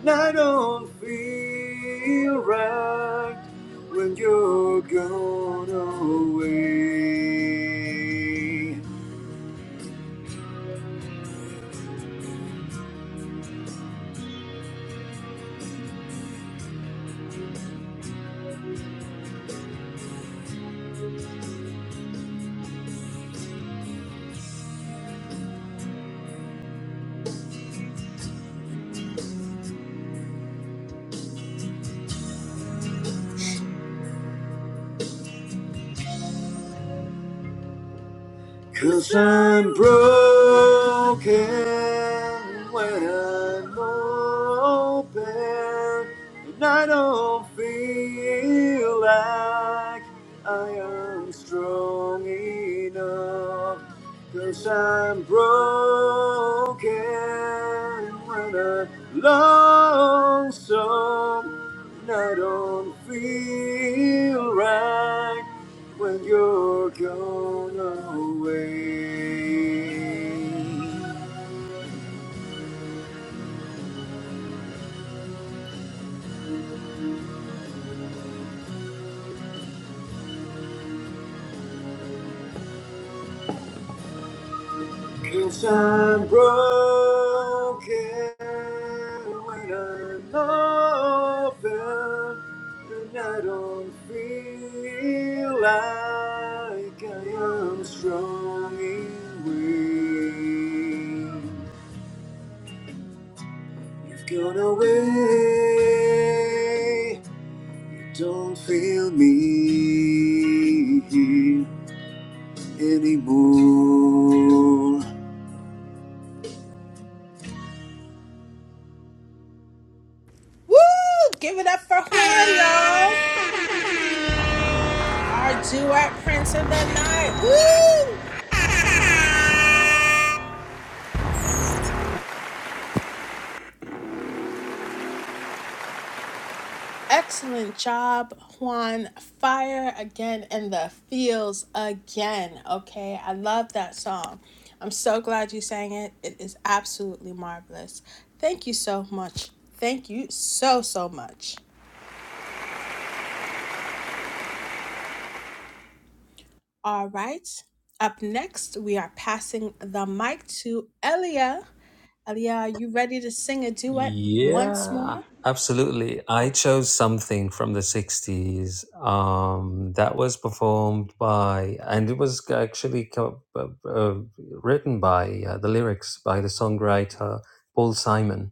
S4: and I don't feel right when you're gone away. Cause I'm broken when I'm open and I don't feel like I am strong enough. i I'm broken when I'm lonesome I don't feel right when you're gone away. i I'm broken when I'm open and I don't feel like I am strong in way. You've gone away. Don't feel me anymore.
S1: Woo! Give it up for Juan, y'all. Our duet prince of the night. Woo! Excellent job, Juan. Fire again in the fields again. Okay, I love that song. I'm so glad you sang it. It is absolutely marvelous. Thank you so much. Thank you so, so much. All right, up next, we are passing the mic to Elia. Elia, are you ready to sing a duet once
S5: Yeah,
S1: more?
S5: absolutely. I chose something from the 60s um, that was performed by, and it was actually co- uh, uh, written by uh, the lyrics by the songwriter Paul Simon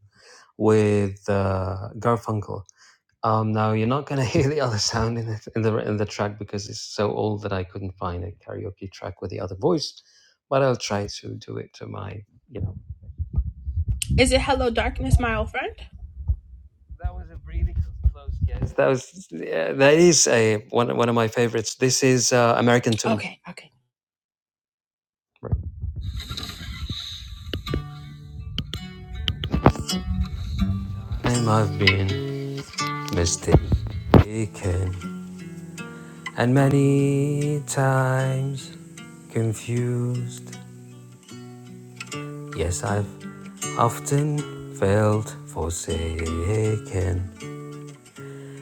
S5: with uh, Garfunkel Um, no, you're not going to hear the other sound in the, in the in the track because it's so old that I couldn't find a karaoke track with the other voice. But I'll try to do it to my you know.
S1: Is it Hello Darkness, my old friend?
S5: Yes, that was yeah, that is a one one of my favorites. This is uh, American tune.
S1: Okay, okay.
S5: And I've been mistaken and many times confused. Yes, I've often felt forsaken.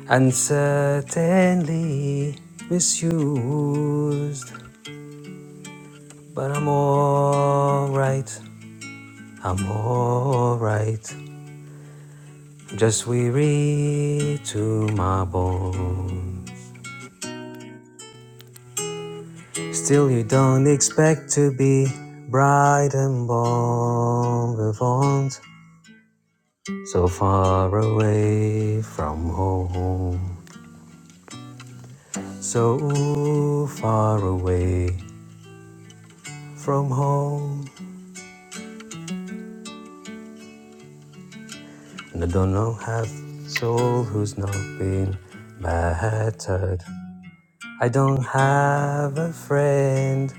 S5: and certainly misused. But I'm alright, I'm alright. Just weary to my bone. Still, you don't expect to be bright and bon vivant, so far away from home, so far away from home. And I don't know have soul who's not been battered. I don't have a friend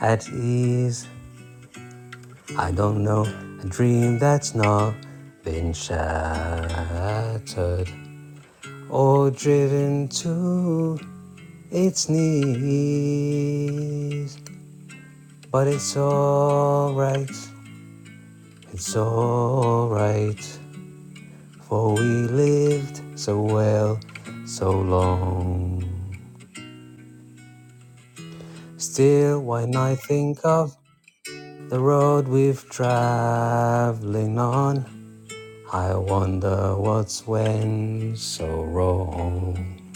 S5: at ease. I don't know a dream that's not been shattered or driven to its knees. But it's alright, it's alright. For we lived so well, so long. Still, when I think of the road we've traveling on, I wonder what's went so wrong.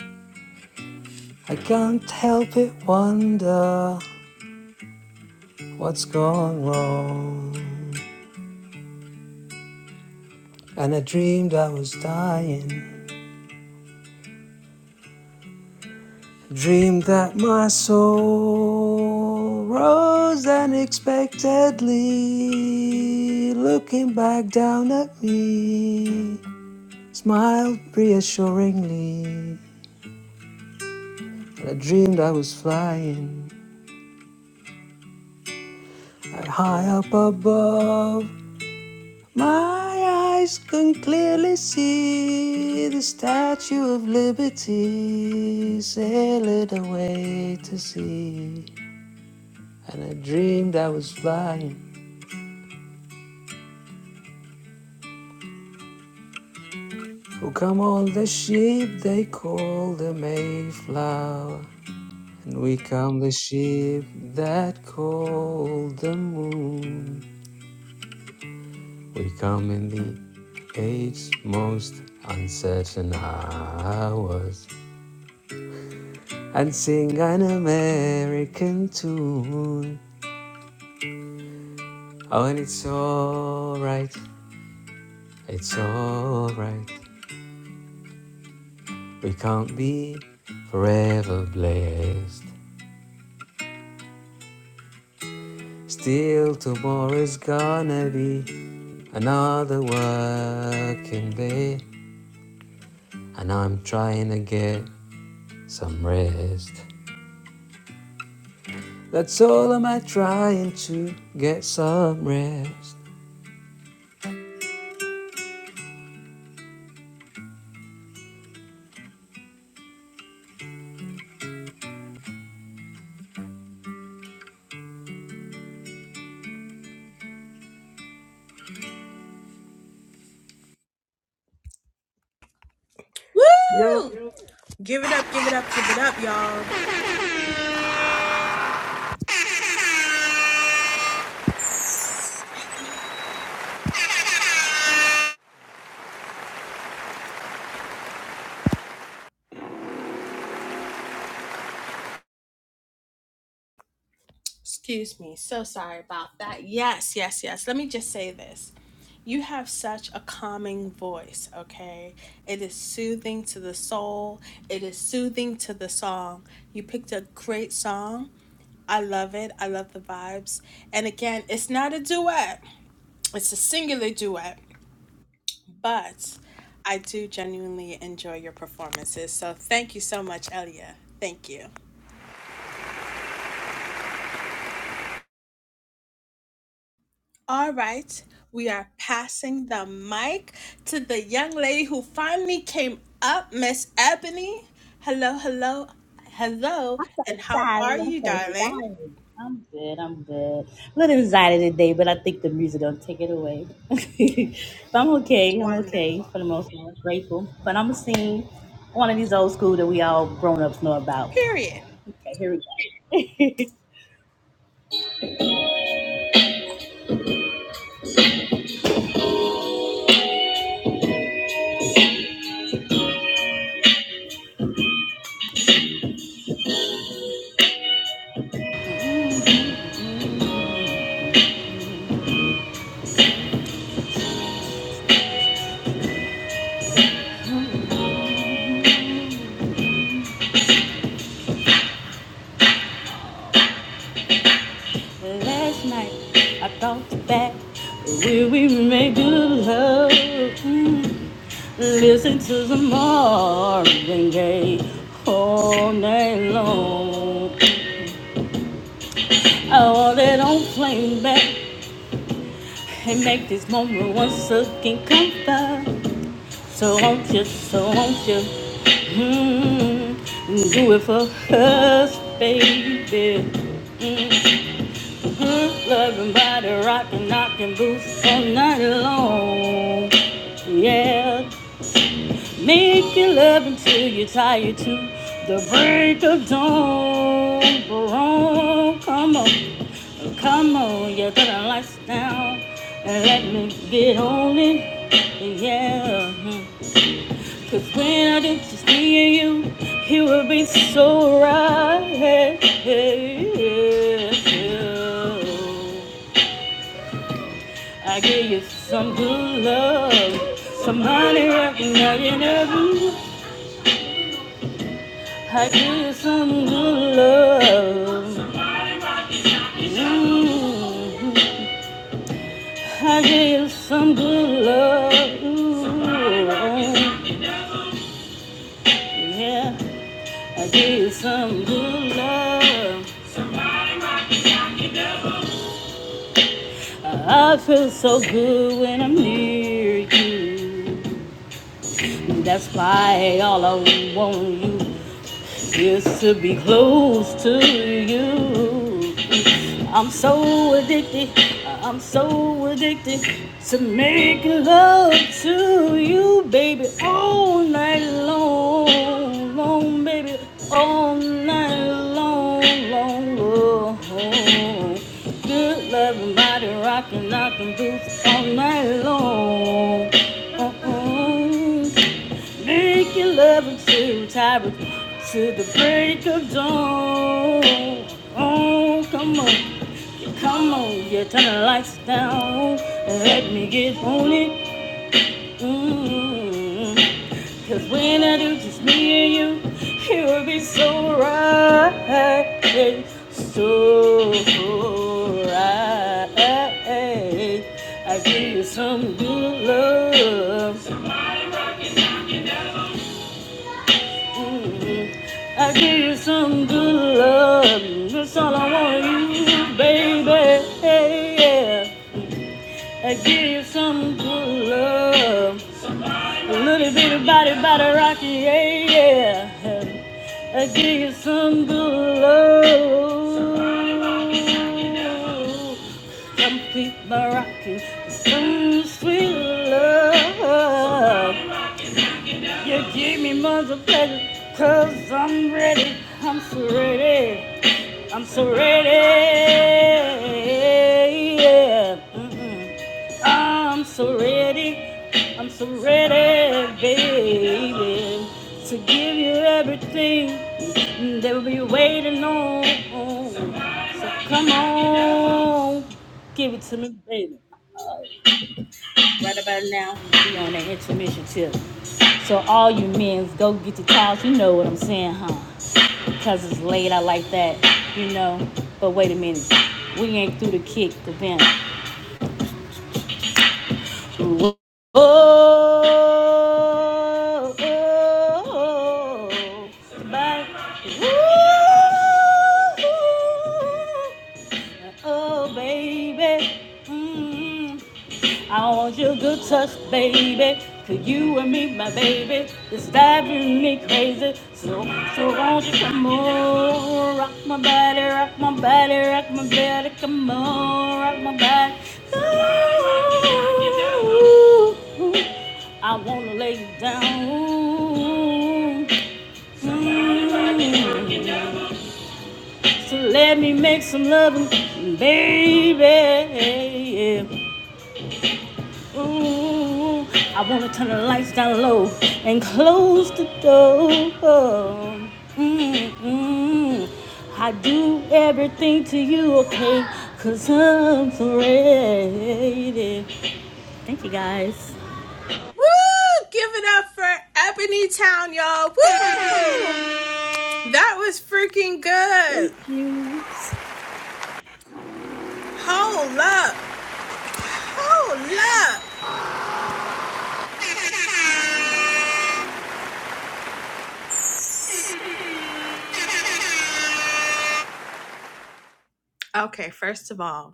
S5: I can't help it, wonder what's gone wrong. And I dreamed I was dying, Dream that my soul rose unexpectedly, looking back down at me, smiled reassuringly. And I dreamed I was flying right high up above. My eyes can clearly see the Statue of Liberty sail it away to sea. And I dreamed I was flying Oh, come all the sheep they call the Mayflower, and we come the sheep that call the moon. We come in the age's most uncertain hours and sing an American tune. Oh, and it's alright, it's alright. We can't be forever blessed. Still, tomorrow's gonna be Another working day, and I'm trying to get some rest. That's all I'm at, trying to get some rest. Yep.
S1: Woo! Give it up, give it up, give it up, y'all.
S3: Hannah.
S1: Excuse me. So sorry about that. Yes, yes, yes. Let me just say this. You have such a calming voice, okay? It is soothing to the soul. It is soothing to the song. You picked a great song. I love it. I love the vibes. And again, it's not a duet, it's a singular duet, but I do genuinely enjoy your performances. So thank you so much, Elia. Thank you. All right, we are passing the mic to the young lady who finally came up, Miss Ebony. Hello, hello, hello,
S6: I'm so
S1: and how
S6: sorry.
S1: are
S6: I'm
S1: you,
S6: so
S1: darling?
S6: sorry. I'm good. I'm good. A little excited today, but I think the music don't take it away. but I'm okay. I'm
S1: Wonderful.
S6: okay for the most part. Grateful. But I'm gonna sing one of these old school that we all grown ups know about.
S1: Period.
S6: Okay, here we go. Last night I thought back where we made good love. Mm. Listen to the morning gay all night long. Oh, they don't flame back and make this moment once again come back. So won't you, so won't you, mm, do it for us, baby. Mm-hmm. Loving body, rocking, knocking boots all night long. Yeah. Make your love until you're tired to the break of dawn. Oh, come on, come on, you put the lights down and let me get on it. Yeah, mhm. cause when I do just me and you, it will be so right. I give you some good love, some honey right now, you know. I give you some good love. Mm. I give you some good love. Yeah, I give you some good love. I feel so good when I'm near you. That's why all I want you is to be close to you. I'm so addicted, I'm so addicted to make love to you, baby, all night long, long, baby, all night long, long. long. Good loving body, rocking, knocking boots all night long. oh. oh. Make your love until tired to the break of dawn. Oh, come on, yeah, come on, yeah, turn the lights down and let me get on it. mm Cause when I do, just me and you, it will be so right, so right. I give you some good love. I give you some good love. That's all I want you, baby. Hey, yeah. I give you some good love. A little bit of body, body rocky. Yeah, yeah. I give you some good love. Complete my rocking. Some sweet love. You give me mother of pleasure i I'm ready, I'm so ready, I'm so ready, yeah. Mm-mm. I'm so ready, I'm so ready, baby, to give you everything that we be waiting on. So come on, give it to me, baby. Right about now, we on that intermission tip. So all you men, go get your towels. You know what I'm saying, huh? Cause it's late. I like that, you know. But wait a minute, we ain't through the kick the vent. Oh, Oh, oh, oh, somebody. oh, oh, baby. Mm. I want your good touch, baby. Cause you and me, my baby, it's driving me crazy. So, so won't you come on, rock my body, rock my body, rock my body, come on, rock my body. Ooh, I wanna lay you down. Mm, So let me make some loving, baby. Ooh, I wanna turn the lights down low and close the door. mm mm. I do everything to you, okay? Cause I'm so ready. Thank you guys.
S1: Woo! Give it up for Ebony Town, y'all. Woo! That was freaking
S6: Thank
S1: good.
S6: you.
S1: Hold up. Hold up.
S3: I'm love
S1: Okay, first of all,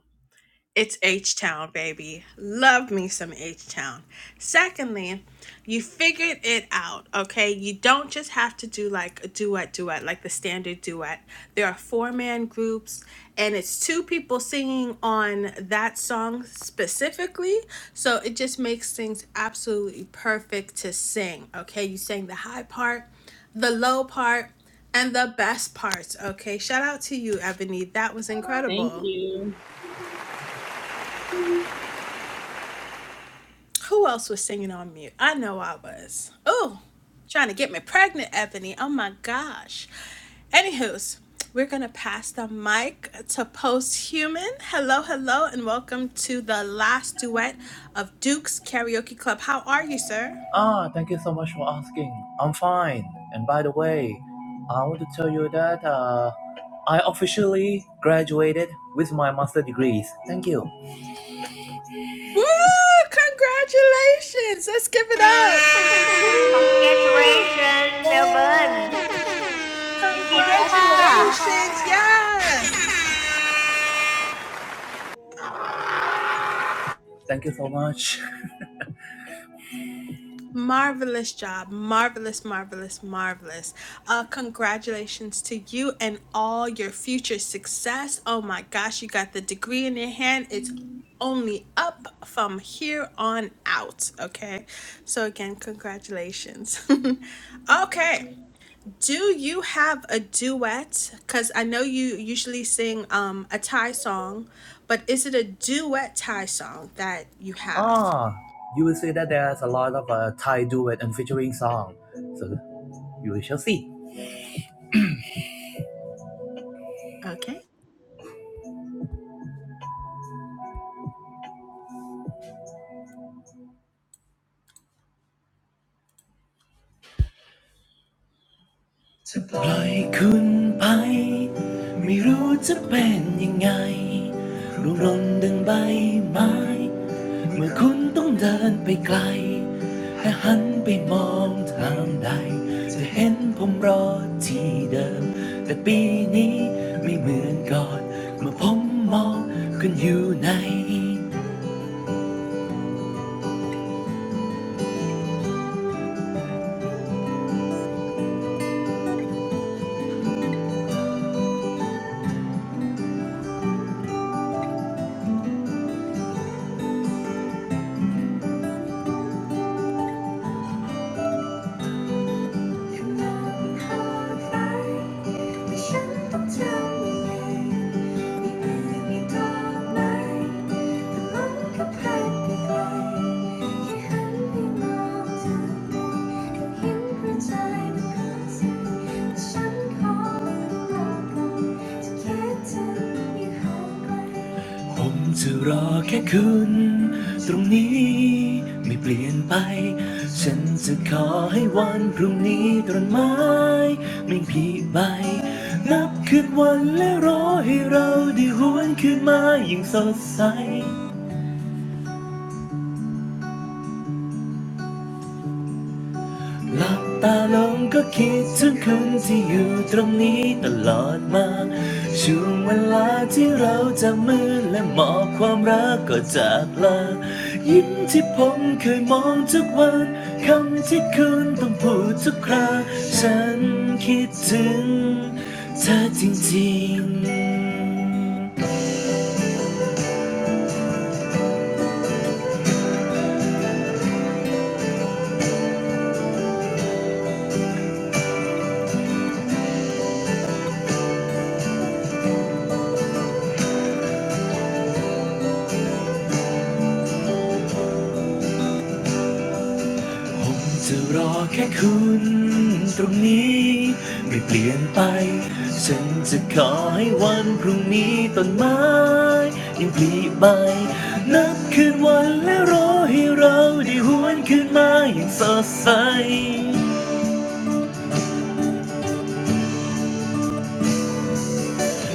S1: It's H Town, baby. Love me some H Town. Secondly, you figured it out, okay? You don't just have to do like a duet, duet, like the standard duet. There are four man groups, and it's two people singing on that song specifically. So it just makes things absolutely perfect to sing, okay? You sang the high part, the low part, and the best parts, okay? Shout out to you, Ebony. That was
S6: Thank
S1: incredible.
S6: you.
S1: Who else was singing on mute? I know I was. Oh, trying to get me pregnant, Ebony. Oh my gosh. Anywho's, we're going to pass the mic to Posthuman. Hello, hello, and welcome to the last duet of Duke's Karaoke Club. How are you, sir?
S7: Ah, thank you so much for asking. I'm fine. And by the way, I want to tell you that uh, I officially graduated with my master degrees. Thank you.
S1: Woo! Congratulations! Let's give it up!
S2: Congratulations, Melbourne. You did it, huh?
S1: Congratulations! Yes!
S3: เย้ของแกที่เลยเช่นค่ะอาราทิเดีย
S7: Thank you so much.
S1: Marvelous job. Marvelous, marvelous, marvelous. Uh, congratulations to you and all your future success. Oh my gosh, you got the degree in your hand. It's only up from here on out. Okay. So, again, congratulations. okay. Do you have a duet? Because I know you usually sing um, a Thai song, but is it a duet Thai song that you have?
S7: Ah, you will see that there's a lot of uh, Thai duet and featuring song. So you shall see.
S1: Okay.
S7: ปล่อยคุณไป อยู่มองท้องฟ้าแต่ฉันต้องทำยังไงมีเอื้อมีดอกไม้แต่ลมก็พัดไปไกลแค่หันไปมองเธอก็เห็นหัวใจมันกระเซ็นแต่ฉันขอเป็นโลกกลมจะคิดถึงยังห่างไกล ผมจะรอแค่คุณตรงนี้ไม่เปลี่ยนไปฉันจะขอให้วันพรุ่งนี้ตรนไม้ไม่ผีใบ หลับตาลงก็คิดถึงคนที่อยู่ตรงนี้ตลอดมา ผมจะรอแค่คุณตรงนี้ไม่เปลี่ยนไป หลับตาลงก็คิดถึงคืนที่อยู่ตรงนี้ตลอดมาช่วงเวลาที่เราจะมือละหมอบความรักก็จากลายิ้มที่ผมเคยมองทุกวันคำที่คืนต้องพูดทุกคราฉันคิดถึงเธอจริงๆ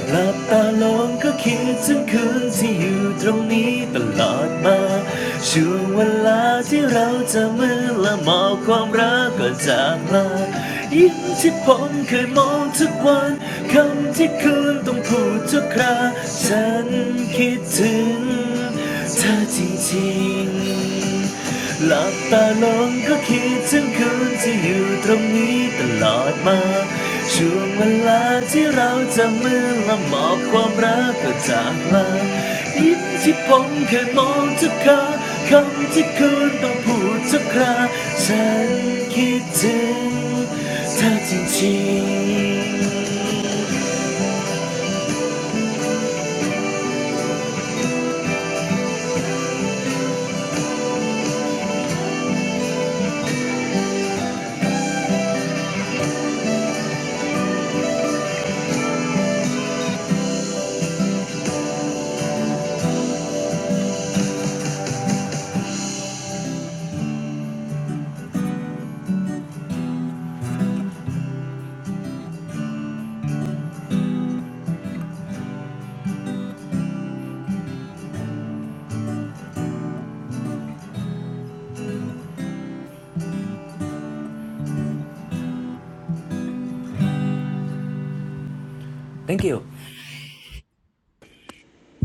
S7: หลับตาลงก็คิดถึงคืนที่อยู่ตรงนี้ตลอดมาช่วงเวลาที่เราจะมือละหมอบความรักก็จากลายิ้มที่ผมเคยมองทุกคราคำที่คืนต้องพูดทุกคราฉันคิดถึงเธอจริงๆ Thank you.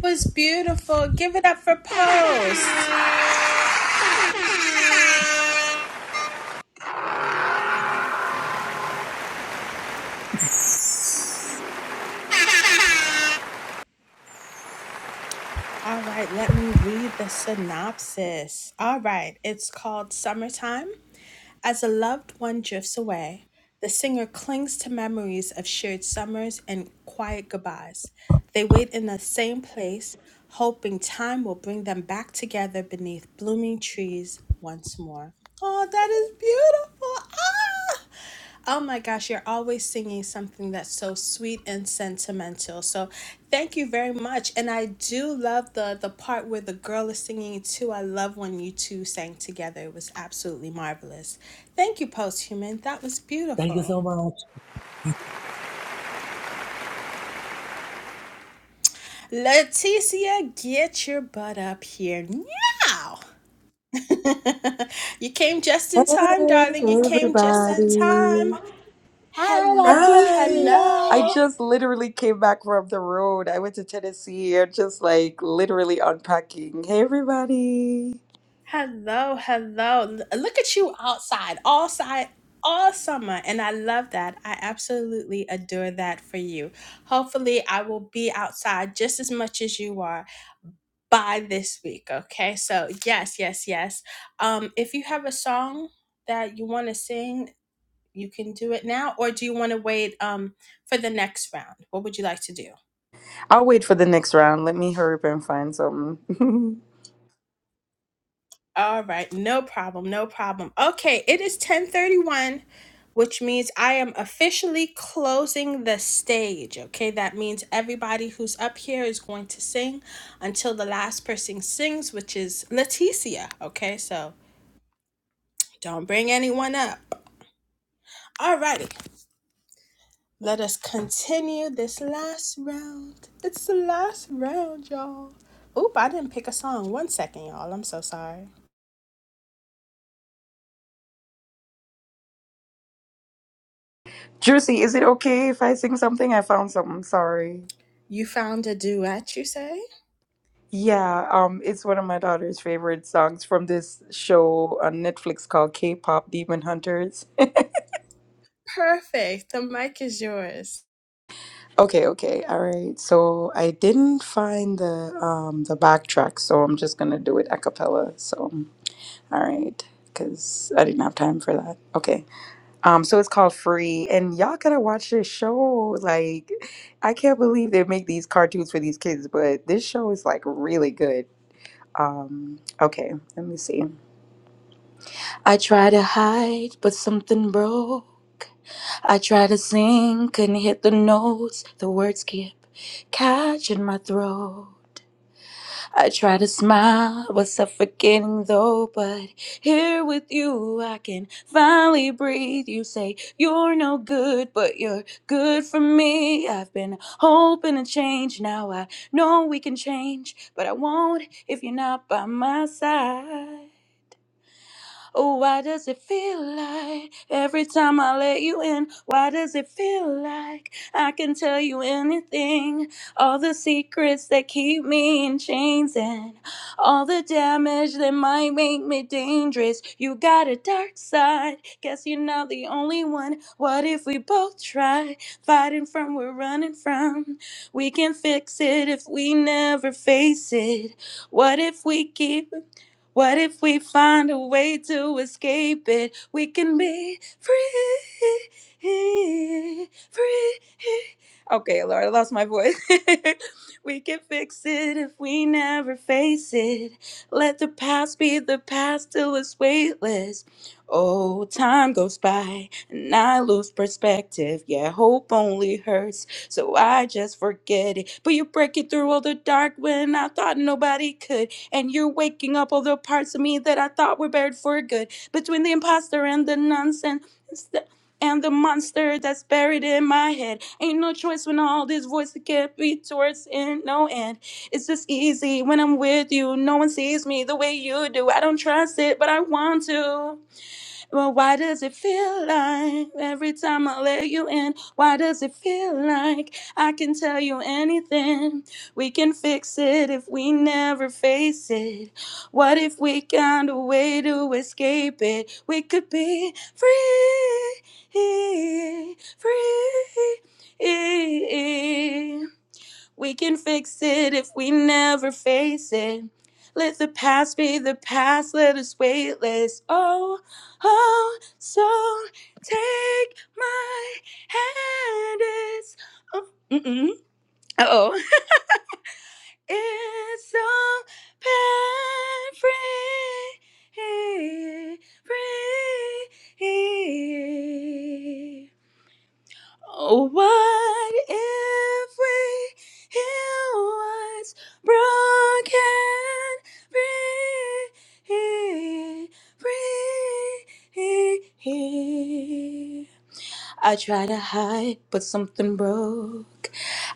S1: was beautiful. Give it up for Post. All right, let me read the synopsis. All right, it's called Summertime. As a loved one drifts away, the singer clings to memories of shared summers and quiet goodbyes. They wait in the same place, hoping time will bring them back together beneath blooming trees once more. Oh, that is beautiful. Ah! Oh my gosh, you're always singing something that's so sweet and sentimental. So thank you very much. And I do love the the part where the girl is singing too. I love when you two sang together. It was absolutely marvelous. Thank you, posthuman. That was
S7: Thank you
S1: beautiful.
S7: so much.
S1: Leticia, get your butt up here now. you came just
S8: Hey
S1: in time, darling. You came just in
S8: everybody.
S1: time. Hello,
S8: Hi. I
S1: hello.
S8: just literally came back from the road. I went to Tennessee and just like literally unpacking. Hey everybody.
S1: Hello, hello. L- Look at you outside, all side, all summer. And I love that. I absolutely adore that for you. Hopefully, I will be outside just as much as you are by this week. Okay. So, yes, yes, yes. Um, if you have a song that you want to sing, you can do it now, or do you want to wait um, for the next round? What would you like to do?
S8: I'll wait for the next round. Let me hurry up and find something.
S1: All right, no problem, no problem. Okay, it is 1031, which means I am officially closing the stage. Okay, that means everybody who's up here is going to sing until the last person sings, which is Leticia. Okay, so don't bring anyone up. All righty, let us continue this last round. It's the last round, y'all. Oop, I didn't pick a song. One second, y'all. I'm so sorry.
S8: Juicy, is it okay if I sing something? I found something. Sorry.
S1: You found a duet, you say?
S8: Yeah, um it's one of my daughter's favorite songs from this show on Netflix called K-pop Demon Hunters.
S1: Perfect. The mic is yours.
S8: Okay, okay, all right. So I didn't find the um the backtrack, so I'm just gonna do it a cappella. So all right, because I didn't have time for that. Okay. Um, so it's called Free, and y'all gotta watch this show. Like, I can't believe they make these cartoons for these kids, but this show is like really good. Um, okay, let me see. I tried to hide, but something broke. I tried to sing, couldn't hit the notes. The words kept catching my throat. I tried to smile, was suffocating though. But here with you, I can finally breathe. You say you're no good, but you're good for me. I've been hoping to change. Now I know we can change, but I won't if you're not by my side. Oh, why does it feel like every time I let you in? Why does it feel like I can tell you anything? All the secrets that keep me in chains and all the damage that might make me dangerous. You got a dark side, guess you're not the only one. What if we both try fighting from where we're running from? We can fix it if we never face it. What if we keep what if we find a way to escape it? We can be free, free. Okay, Lord, I lost my voice. we can fix it if we never face it. Let the past be the past till it's weightless. Oh, time goes by and I lose perspective. Yeah, hope only hurts, so I just forget it. But you break it through all the dark when I thought nobody could and you're waking up all the parts of me that I thought were buried for good. Between the imposter and the nonsense. And the monster that's buried in my head. Ain't no choice when all these voices get me towards in no end. It's just easy when I'm with you. No one sees me the way you do. I don't trust it, but I want to. Well, why does it feel like every time I let you in? Why does it feel like I can tell you anything? We can fix it if we never face it. What if we found a way to escape it? We could be free, free. We can fix it if we never face it. Let the past be the past, let us weightless. Oh, oh, so take my hand. It's, oh, mm-mm. Uh-oh. It's so bad, free, free. Oh, What if we heal what's broken? Free, free. I try to hide, but something broke.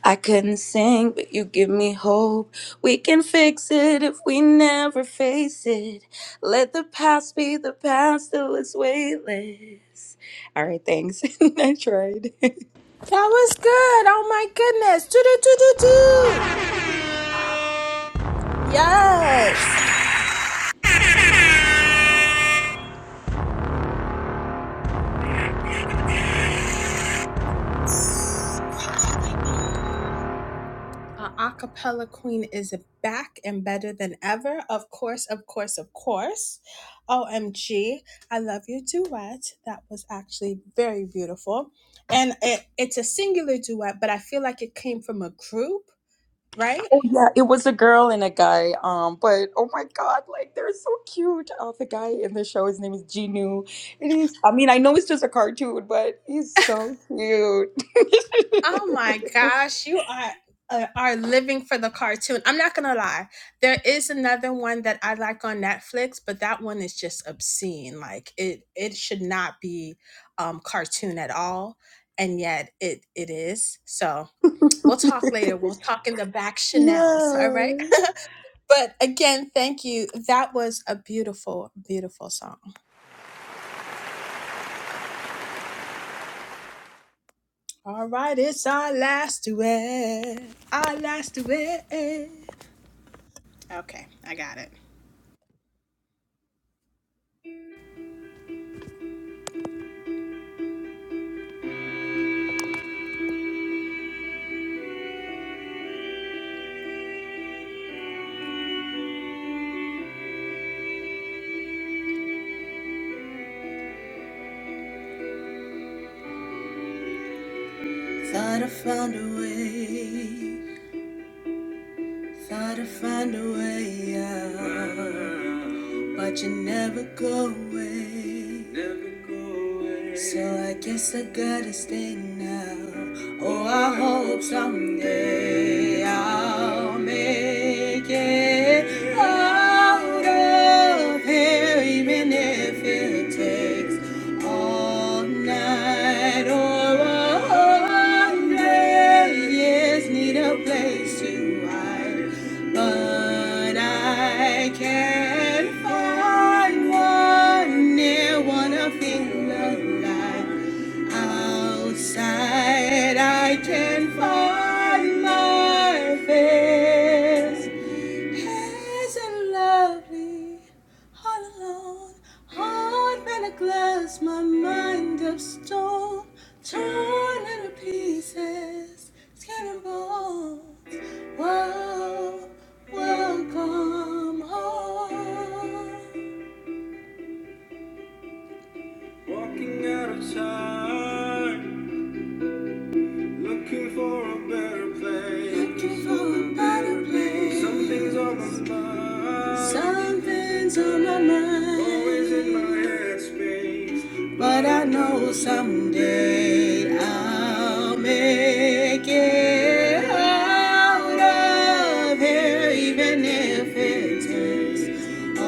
S8: I couldn't sing, but you give me hope. We can fix it if we never face it. Let the past be the past till it's weightless. All right, thanks. I tried.
S1: That was good. Oh my goodness. Do do do do do. Yes. Our acapella queen is back and better than ever. Of course, of course, of course. OMG. I love your duet. That was actually very beautiful. And it, it's a singular duet, but I feel like it came from a group, right?
S8: Yeah, it was a girl and a guy. Um, but oh my god, like they're so cute. Oh, the guy in the show, his name is Genu. It is. I mean, I know it's just a cartoon, but he's so cute.
S1: Oh my gosh, you are uh, are living for the cartoon. I'm not gonna lie. There is another one that I like on Netflix, but that one is just obscene. Like it it should not be um cartoon at all, and yet it it is. So we'll talk later. We'll talk in the back Chanel's. All
S8: yeah.
S1: right. But again, thank you. That was a beautiful, beautiful song. All right, it's our last duet. Our last duet. Okay, I got it. Thought I'd find a way, thought I'd find a way out. But you never go away. Never go away. So I guess I gotta stay now. Oh, I hope someday I'll make it out of here, even if it takes all night or all day. Yes, need a place to hide, but I can't find one near one of feel alive. Outside, I can find my face. Isn't lovely, all alone, heart made of glass, my mind of stone, torn into pieces, skin and bones. Whoa, welcome home. Walking out of time, looking for a better place. Looking for- Something's on my mind, Some- always in my headspace. Get out of here, even if it's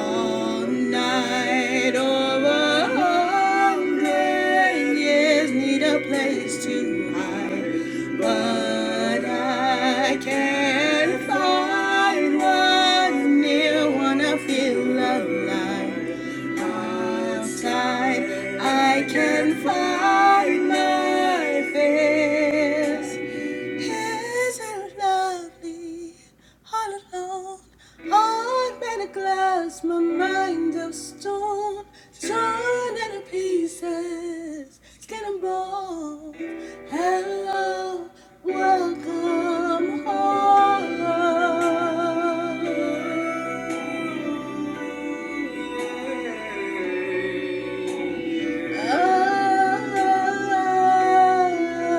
S1: all night or a hundred years. Need a place to hide, but I can't find one near one. I feel alive outside. I can find my face. Isn't lovely all alone? Heart made of glass, my mind of stone, torn into pieces, skin and bone. Hello, welcome home. Oh,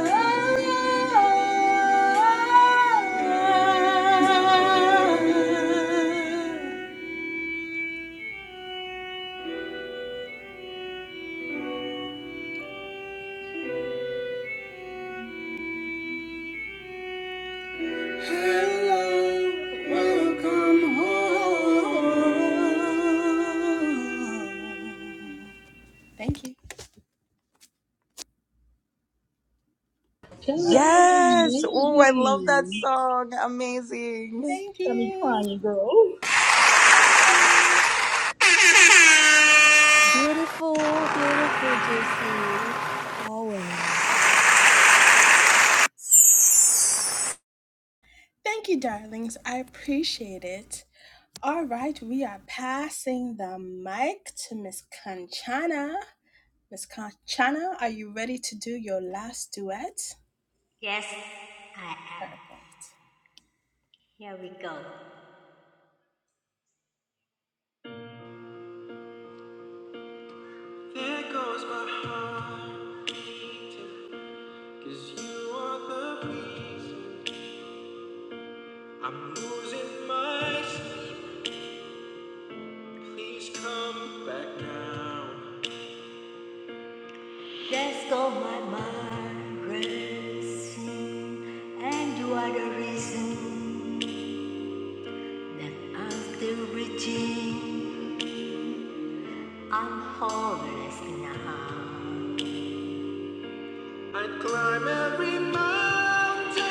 S1: oh, oh, oh. Thank you.
S6: That was
S8: Yes. Oh, I love that
S6: amazing.
S8: song. Amazing.
S1: Thank
S6: Got me
S1: you.
S6: crying, girl.
S1: Thank you.
S3: beautiful beautiful juicy always
S1: Thank you, darlings. I appreciate it. All right, we are passing the mic to Miss Kanchana. Miss Kanchana, are you ready to do your last duet?
S2: Yes, I am.
S1: Perfect.
S2: Here we go. Here goes my heart, 'cause you are the breeze. I'm losing my sleep. Please come back now. Let's go, my mind racing, and you are the reason that I'm still reaching. I'm homeless now. I'd climb every mountain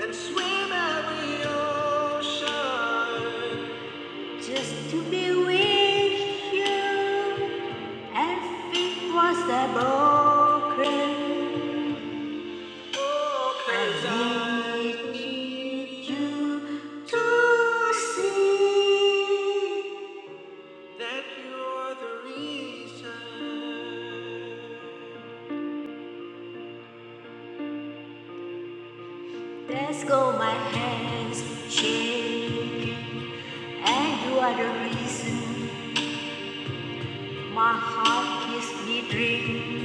S2: and swim every ocean just to be with you. Everything was a broken. Let's go, my hands shake, and you are the reason my heart gives me dream.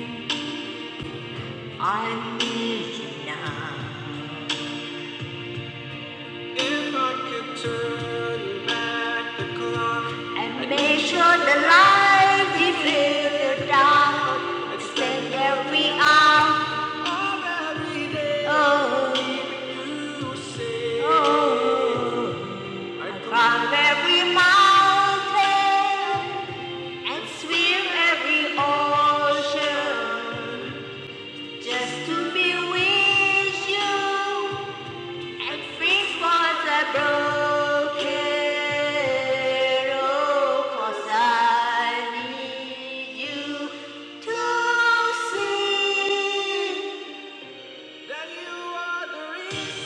S2: I need you now. If I could turn back the clock and make sure the light is in the dark and spend every hour of every day. Oh, you say, oh, I climb every mountain and swim every ocean just to be with you. And free falls a oh, I need you to see that you are the reason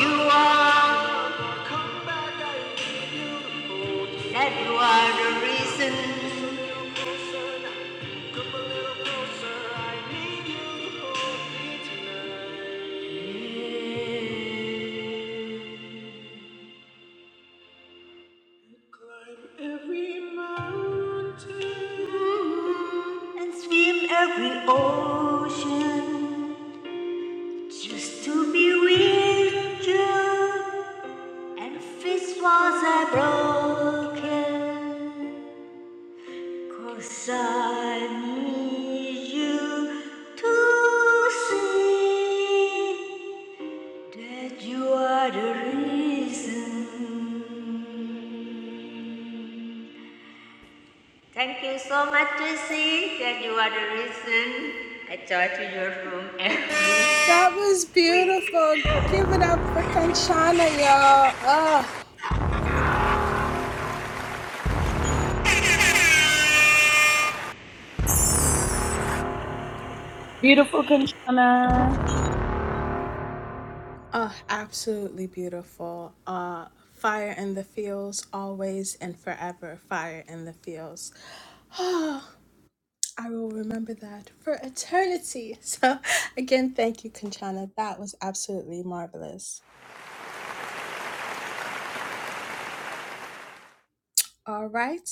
S2: you are. That you are the reason. Every mountain and swim every ocean just to be with you. And fist was I broken? 'Cause I need you to see. That you are the reason. Thank you so much, Tracy, that you are the reason I charge your room every
S1: That was
S2: week.
S1: beautiful. Give it up for Kanchana, y'all. Oh,
S8: Beautiful Kanchana.
S1: oh absolutely beautiful. Uh, fire in the fields, always and forever. Fire in the fields. Oh, I will remember that for eternity. So, again, thank you, Kanchana. That was absolutely marvelous. All right.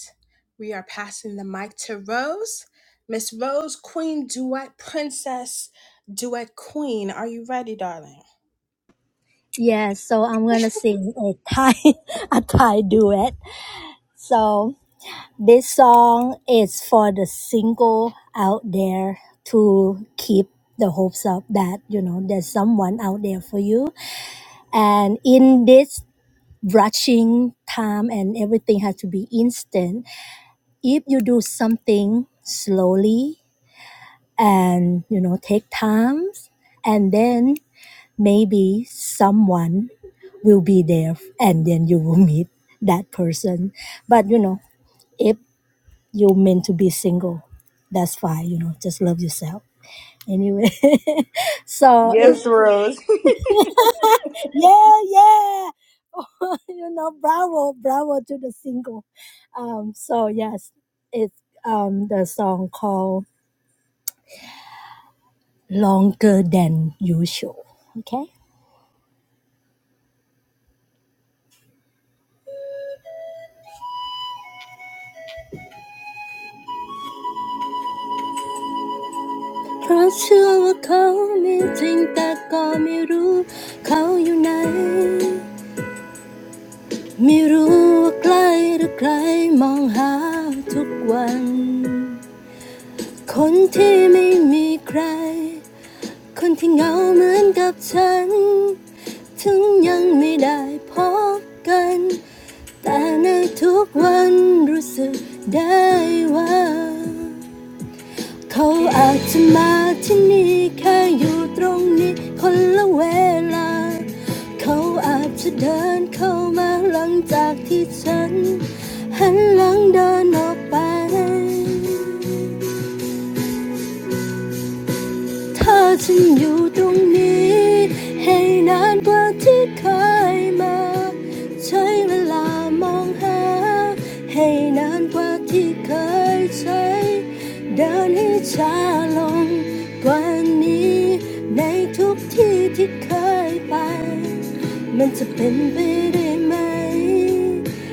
S1: We are passing the mic to Rose. Miss Rose, Queen Duet Princess, Duet Queen. Are you ready, darling?
S3: yes yeah, so I'm gonna sing a Thai a Thai duet so This song is for the single out there to keep the hopes up that you know there's someone out there for you. And in this rushing time and everything has to be instant, if you do something slowly and you know take time and then maybe someone will be there and then you will meet that person. But you know, if you're meant to be single. That's fine, you know, just love yourself. Anyway, so it's,
S8: Yes, Rose.
S3: yeah, yeah. you know, bravo, bravo to the single. Um, so yes, it's um the song called Longer Than Usual. Okay. เพราะเชื่อว่าเขามีจริงแต่ก็ไม่รู้เขาอยู่ไหน คนที่ไม่มีใครคนที่เหงาเหมือนกับฉันถึงยังไม่ได้พบกันแต่ในทุกวันรู้สึกได้ว่าเขาอาจจะมาที่นี่แค่อยู่ตรงนี้คนละเวลาเขาอาจจะเดินเข้ามาหลังจากที่ฉัน เธอฉันอยู่ตรงนี้ให้นานกว่าที่เคยมาใช้เวลามองหาให้นานกว่าที่เคยใช้เดินให้ช้าลงกว่านี้ในทุกที่ที่เคยไปมันจะเป็นไปได้ไหมที่จะได้พบใครคนนั้น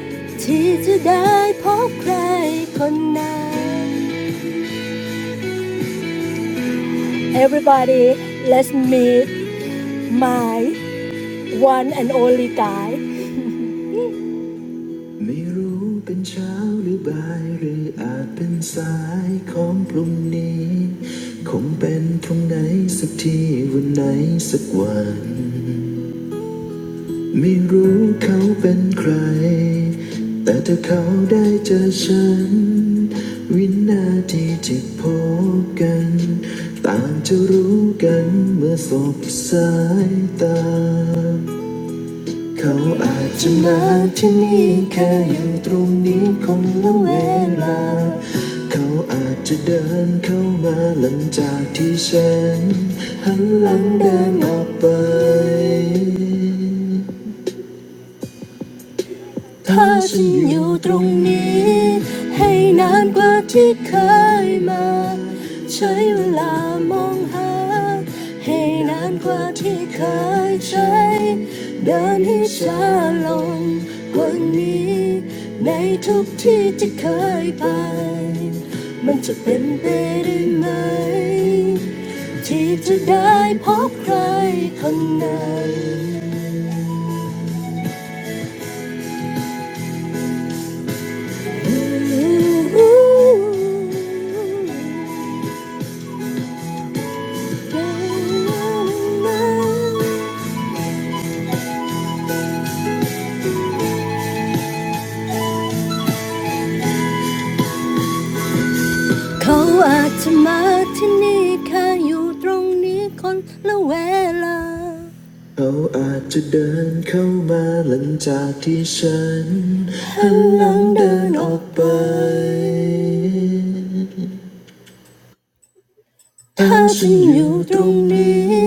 S3: Everybody, let's meet my. one and only guy. ไม่รู้เป็นเช้าหรือบ่ายหรืออาจเป็นสายของพรุ่งนี้คงเป็นตรงไหนสักที่วันไหนสักวันไม่รู้เขาเป็นใครแต่ถ้าเขาได้เจอฉันวินาทีที่พบกันต่างจะรู้กันเมื่อสบสายตา เขาอาจจะมาที่นี่แค่อยู่ตรงนี้คนละเวลา ถ้าฉันอยู่ตรงนี้ เขาอาจจะมาที่นี่แค่อยู่ตรงนี้คนละเวลาเขาอาจจะเดินเข้ามาหลังจากที่ฉันหันหลังเดินออกไป เธอฉันอยู่ตรงนี้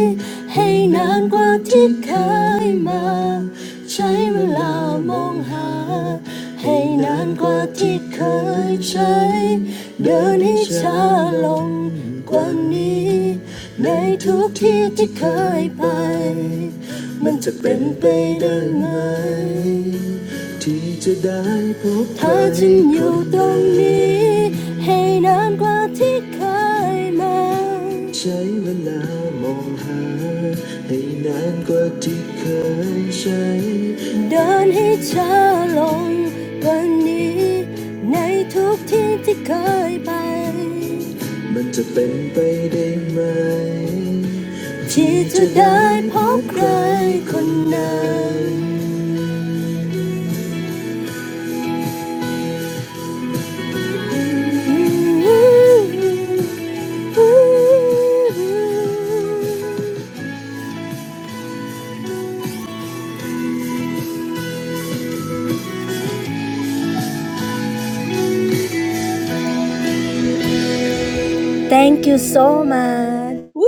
S3: Thank you so much.
S1: Woo!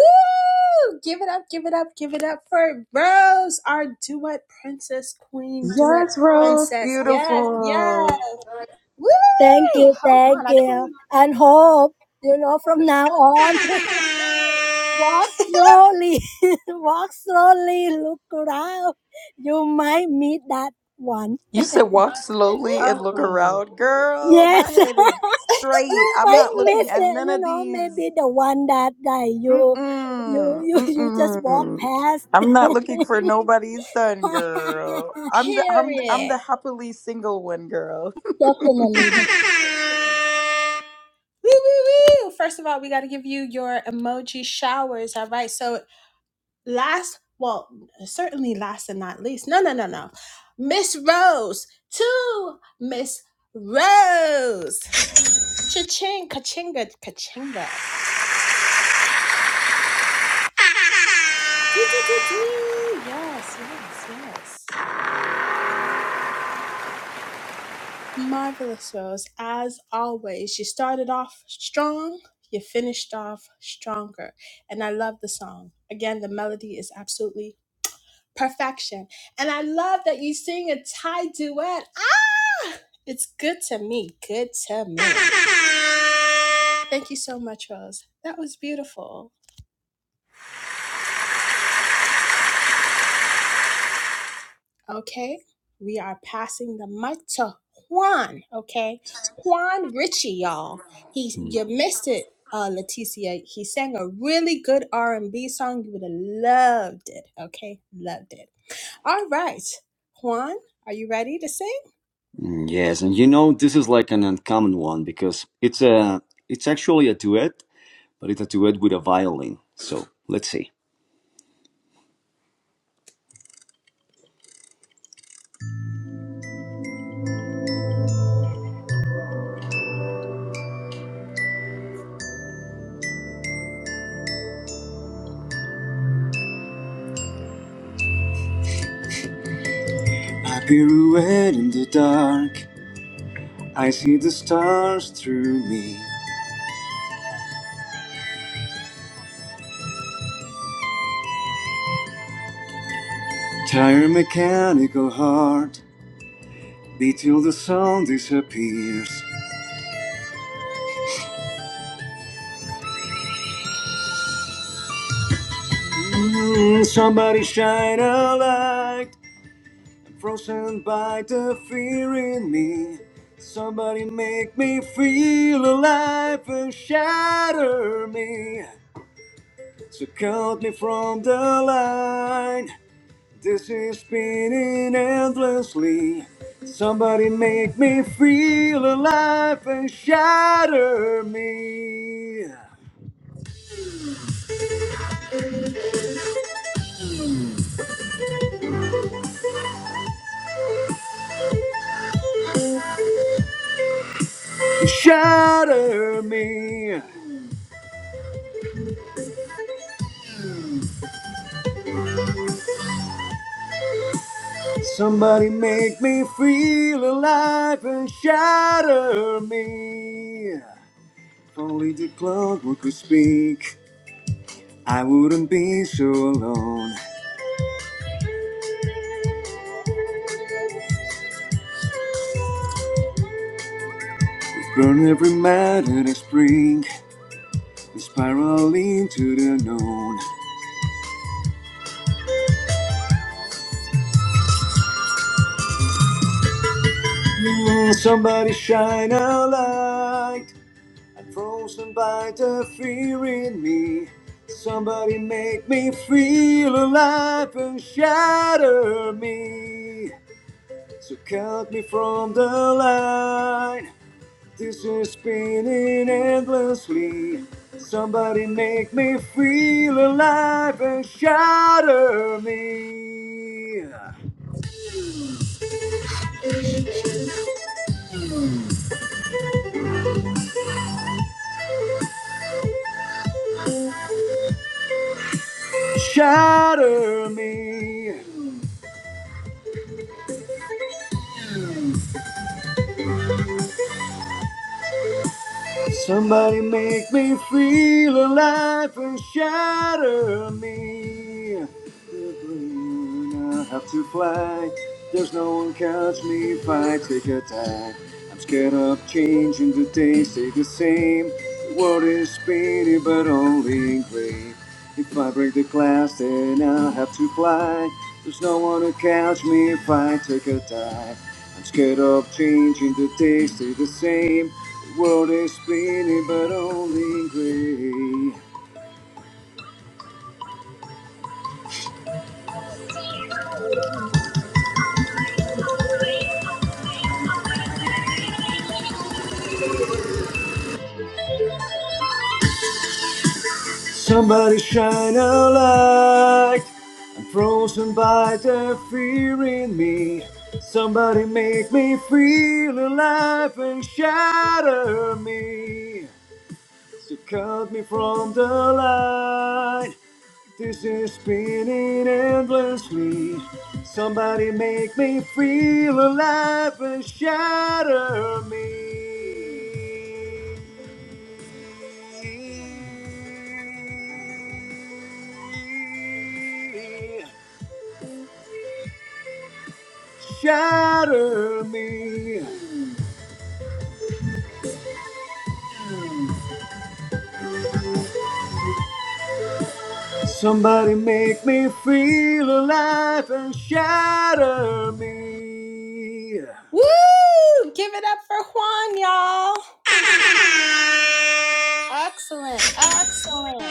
S1: Give it up, give it up, give it up for Rose, our duet princess, queen duet
S8: yes, Rose.
S1: princess. Yes, yes.
S8: Beautiful.
S3: Thank
S1: Woo!
S3: you,
S1: Hold
S3: thank
S1: on, I
S3: you.
S1: couldn't.
S3: And hope, you know, from now on, walk slowly, walk slowly, look around. You might meet that one.
S8: You said walk slowly and look
S1: Agreed.
S8: around. Girl, my
S3: Yes,
S8: head is straight.
S3: you
S8: I'm
S3: might
S8: not
S3: miss
S8: looking at
S3: it,
S8: none
S3: you
S8: of
S3: know, maybe
S8: these.
S3: the one that like, you, you,
S8: Mm-mm.
S3: you, you just walk
S8: Mm-mm.
S3: past.
S8: I'm not looking for nobody's son, girl. I'm the I'm I'm the happily single one, girl.
S3: Definitely. def-
S1: Period. Woo, woo, woo. First of all, we got to give you your emoji showers. All right. So, last, well, certainly last and not least. No, no, no, no. Miss Rose to Miss Rose. Cha-ching, ka-chinga, ka-chinga. Doo, doo, doo, doo. Yes, yes, yes. Marvelous Rose. As always, you started off strong, you finished off stronger. And I love the song. Again, the melody is absolutely perfection. And I love that you sing a Thai duet. Ah, it's good to me. Good to me. Thank you so much, Rose. That was beautiful. Okay, we are passing the mic to Juan. Okay, Juan Ritchie, y'all. He,
S4: Hmm.
S1: you missed it, uh, Leticia. He sang a really good R and B song. You would have loved it. Okay, loved it. All right. Juan, are you ready to sing?
S4: Mm, Yes, and you know this is like an uncommon one because it's a it's actually a duet, but it's a duet with a violin. So let's see. I pirouette in the dark. I see the stars through me. Tired mechanical heart. Beat till the sun disappears. Mm, somebody shine a light. Frozen by the fear in me. Somebody make me feel alive and shatter me. So cut me from the line. This is spinning endlessly. Somebody make me feel alive and shatter me. Shatter me. Somebody make me feel alive and shatter me. If only the clockwork could speak, I wouldn't be so alone. We burn every matter and spring, we spiral into the unknown. Mm, somebody shine a light. I'm frozen by the fear in me. Somebody make me feel alive and shatter me. So cut me from the line. This is spinning endlessly. Somebody make me feel alive and shatter me. Shatter me. Somebody make me feel alive and shatter me. I have to fly. There's no one catch me if I take a dive. I'm scared of change and the days stay the same. The world is spinning but only in gray. If I break the glass, then I'll have to fly. There's no one to catch me if I take a dive. I'm scared of changing the days stay the same. The world is spinning, but only in gray. Somebody shine a light. I'm frozen by the fear in me. Somebody make me feel alive and shatter me. You cut me from the light. This is spinning endlessly. Somebody make me feel alive and shatter me. Shatter me. Somebody make me feel alive and shatter me.
S1: Woo! Give it up for Juan, y'all. Excellent. Excellent.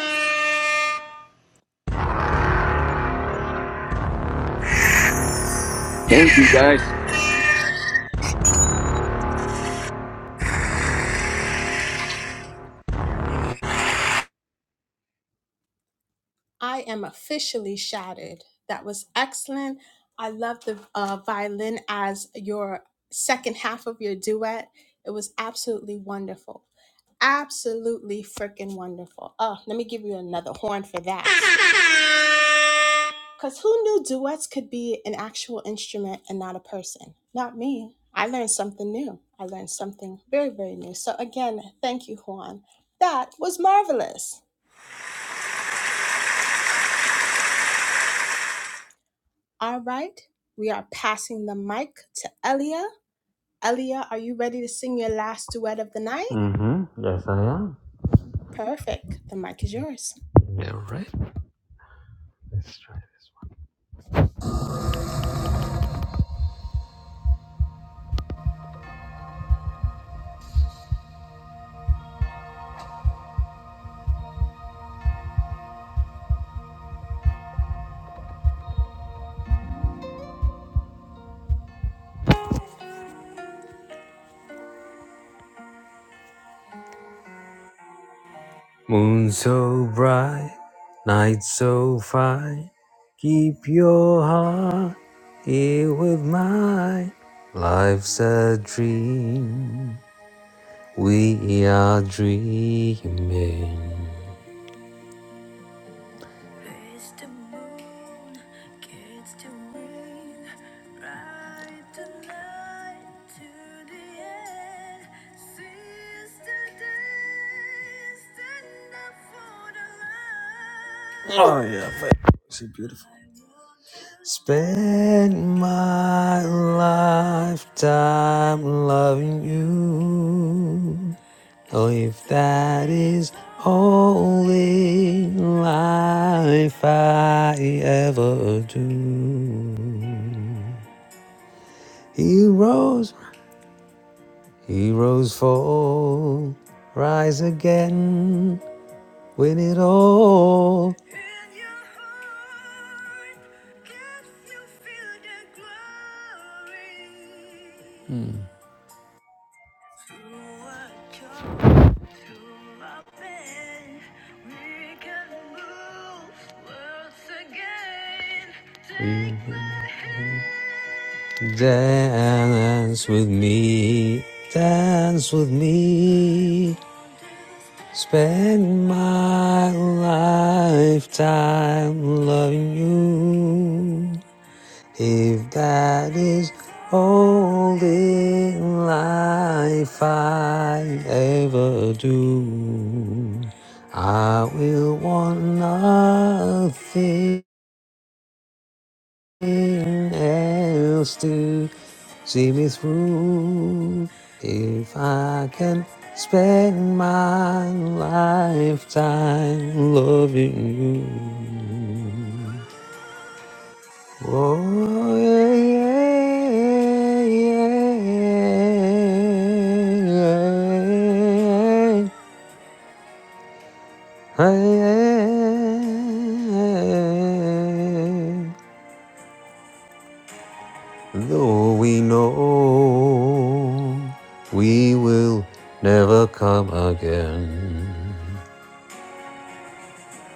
S4: Thank you guys.
S1: I am officially shattered. That was excellent. I love the uh, violin as your second half of your duet. It was absolutely wonderful. Absolutely freaking wonderful. Oh, let me give you another horn for that. Because who knew duets could be an actual instrument and not a person? Not me. I learned something new. I learned something very, very new. So, again, thank you, Juan. That was marvelous. All right, we are passing the mic to Elia. Elia, are you ready to sing your last duet of the night?
S5: Mm-hmm. Yes, I am.
S1: Perfect. The mic is yours.
S5: Yeah, right. Let's try this. One. Moon so bright, night so fine. Keep your heart here with mine. Life's a dream. We are dreaming. Oh yeah, she's beautiful. Spend my lifetime loving you. Oh, if that is only life I ever do. Heroes, heroes fall, rise again, win it all. Dance with me, dance with me. Spend my lifetime loving you. If that is all in life I ever do, I will want nothing else to see me through. If I can spend my lifetime loving you. Oh, yeah, yeah, yeah, yeah, yeah. Though we know we will never come again,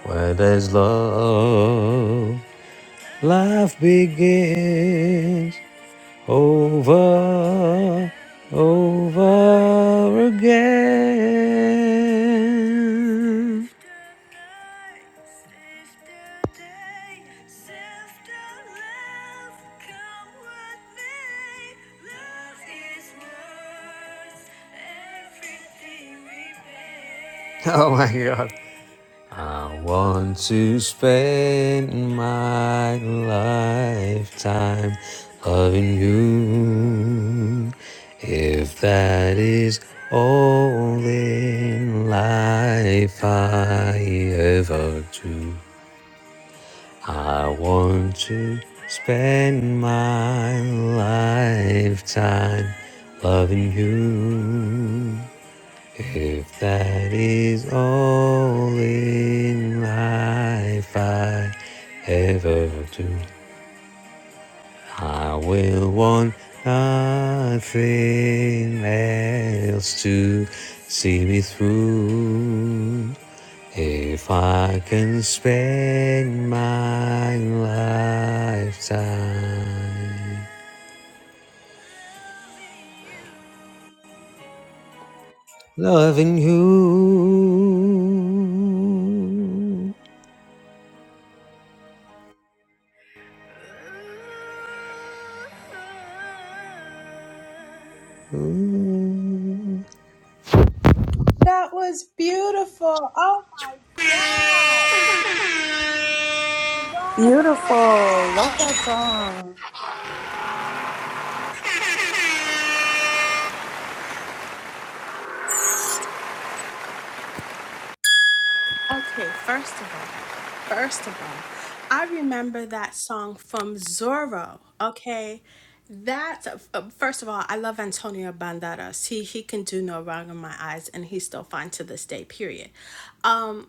S5: where there's love, life begins. over, over again. Oh my god. I want to spend my lifetime loving you. If that is all in life I ever do, I want to spend my lifetime loving you. If that is all in life I ever do, I will want nothing else to see me through. If I can spend my lifetime loving you. Ooh.
S1: That was beautiful. Oh my God.
S8: Beautiful. Love that song.
S1: Okay, first of all, first of all, I remember that song from Zorro. Okay, that uh, first of all, I love Antonio Banderas. He he can do no wrong in my eyes, and he's still fine to this day. Period. Um.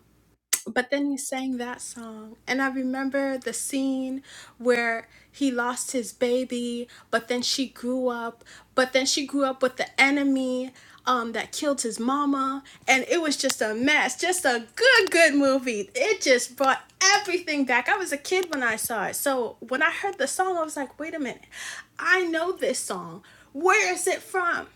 S1: But then he sang that song. And I remember the scene where he lost his baby, but then she grew up, but then she grew up with the enemy um, that killed his mama. And it was just a mess, just a good, good movie. It just brought everything back. I was a kid when I saw it. So when I heard the song, I was like, wait a minute, I know this song. Where is it from?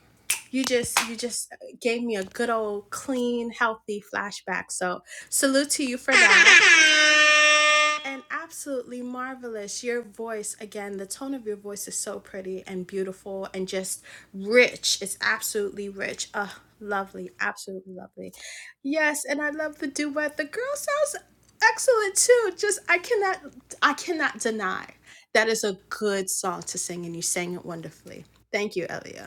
S1: you just you just gave me a good old clean healthy flashback so salute to you for that and absolutely marvelous your voice again the tone of your voice is so pretty and beautiful and just rich it's absolutely rich uh lovely absolutely lovely yes and i love the duet the girl sounds excellent too just i cannot i cannot deny that is a good song to sing and you sang it wonderfully thank you elia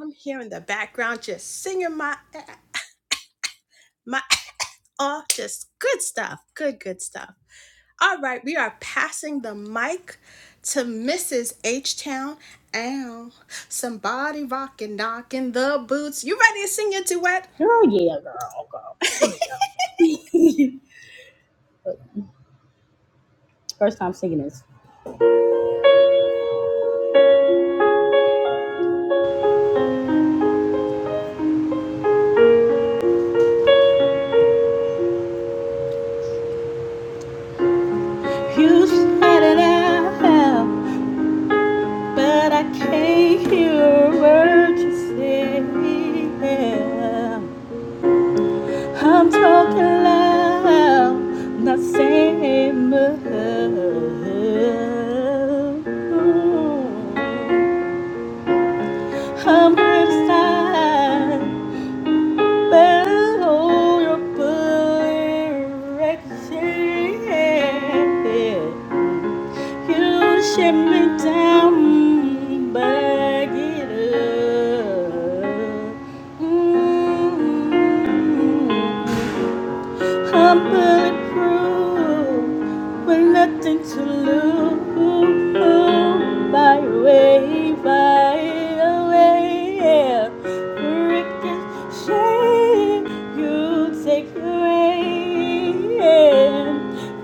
S1: I'm here in the background just singing my my off, just good stuff, good good stuff. All right, we are passing the mic to Mrs. H Town. Ow, somebody rockin' knockin' the boots. You ready to sing your duet?
S6: Girl, yeah, girl, girl. First time singing this. You started out. But I can't hear a word you say. yeah. I'm talking loud, not saying much. I'm criticized, but I hold your direction. You shut me down, back it up. Mm. I'm bulletproof with nothing to lose. By way, by way, yeah. Ricochet, you take away. Yeah.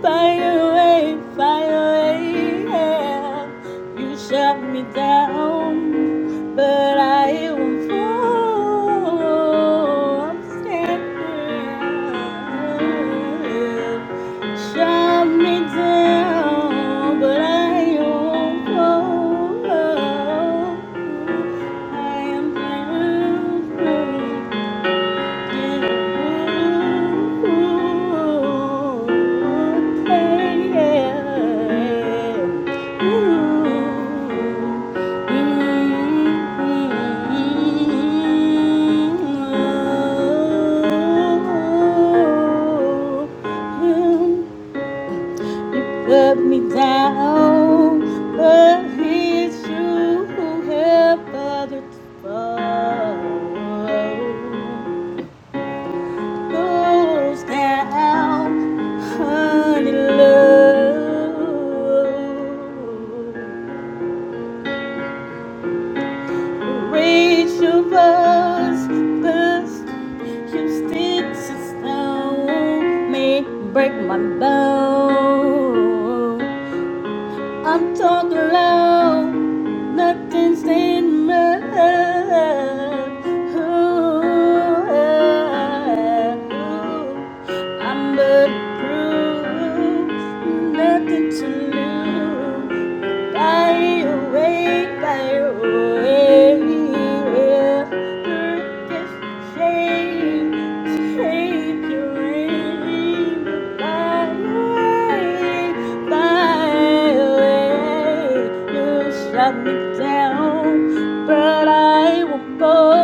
S6: By way, by way, yeah. You shut me down, but I won't fall. I'm standing. Shut me down, but I won't fall. I am thankful. Put me down, but it's you who help others fall goes down, honey love. Reach your us, cause you sticks and stone may break my bone. I'm talking loud, nothing's in my I'm bulletproof, nothing to lose. Fly away, fly away. Just take, take your wings fly away, fly away. You shut me down, but I won't go.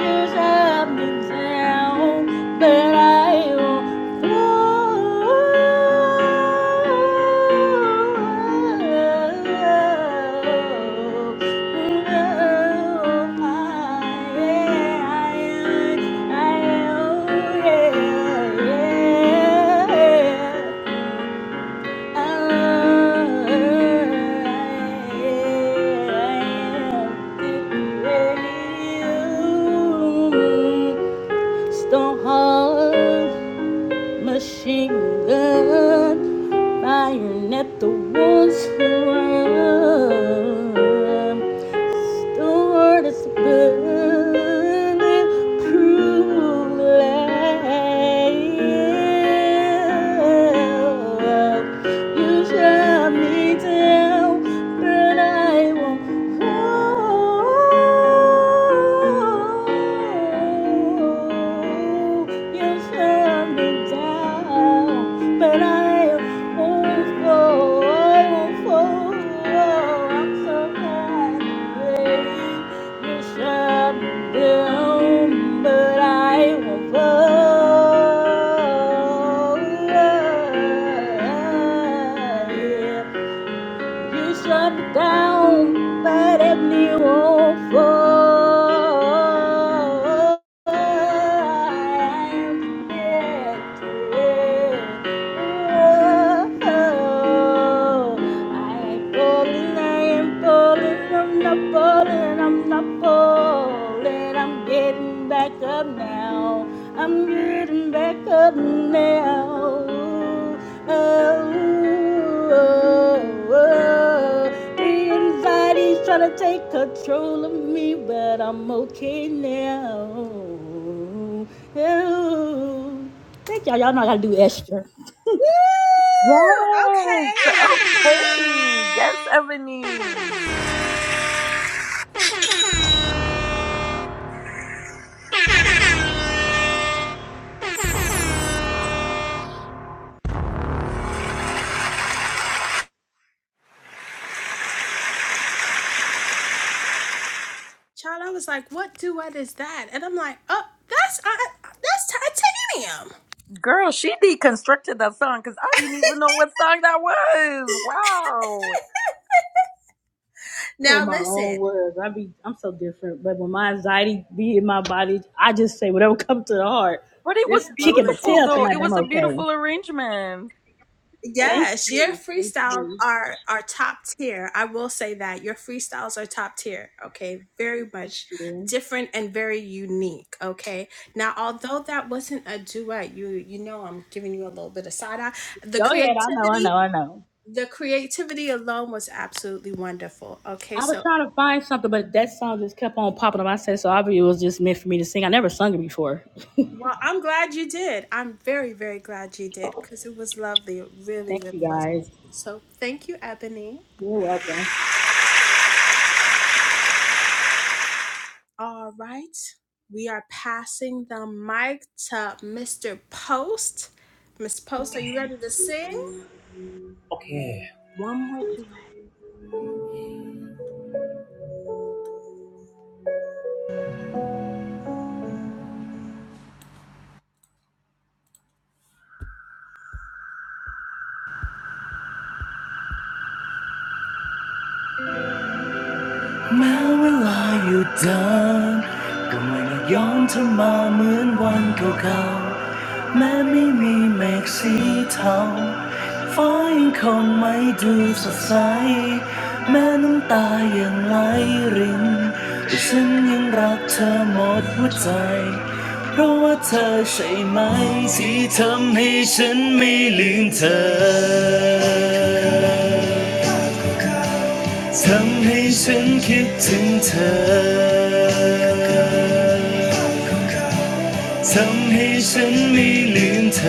S6: You shut me down down, but I am flow. Stone Hall machine gun firing at the ones who run. Stored as bulletproof lead. You shot me down, but I won't fall you shut me down. But I won't fall, I won't fall. I'm so glad baby. you shut me down. But I won't fall. Yeah. You shut me down, but if you won't fall. I ain't falling, I ain't falling, I'm not falling, I'm not falling. I'm getting back up now. I'm getting back up now. Oh, oh, oh. The anxiety's trying to take control of me, but I'm okay now. Oh. Thank y'all. Y'all know I gotta do extra.
S1: Woo!
S8: Yes.
S1: Okay.
S8: Okay. Yes, Ebony.
S1: Child, I was like, what duet is that? And I'm like, oh, that's I, that's titanium.
S8: Girl, she deconstructed that song because I didn't even know what song that was. Wow.
S6: Oh
S1: Now
S6: my own
S1: listen,
S6: words. I be I'm so different. But when my anxiety be in my body, I just say whatever comes to the heart.
S8: But it was
S6: This
S1: uh,
S6: kicking my
S8: beautiful,
S1: listen.
S6: tail
S8: though.
S6: tonight,
S8: It
S6: but I'm
S8: was a
S6: okay.
S8: beautiful arrangement.
S6: Thank
S1: Yes, your
S6: you. Thank
S1: freestyles
S6: you.
S1: are are top tier. I will say that your freestyles are top tier. Okay, very much
S6: Thank you.
S1: different and very unique. Okay, now although that wasn't a duet, you you know I'm giving you a little bit of side eye. The
S6: Go ahead. I know, I know,
S1: creativity,
S6: I know.
S1: the creativity alone was absolutely wonderful. Okay,
S6: I was
S1: so
S6: trying to find something, but that song just kept on popping up. I said so I believe it was just meant for me to sing. I never sung it before.
S1: Well, I'm glad you did. I'm very, very glad you did because it was lovely. It really,
S6: Thank you
S1: really was.
S6: guys.
S1: So thank you, Ebony.
S6: You're welcome.
S1: All right. We are passing the mic to Mr. Post. Miss Post, are you ready to sing?
S7: Okay.
S1: One more duet.
S7: แม้เวลาอยู่เดินก็ไม่ได้ย้อนเธอมาเหมือนวันเก่าๆ ทำให้ฉันคิดถึงเธอทำให้ฉันไม่ลืมเธอ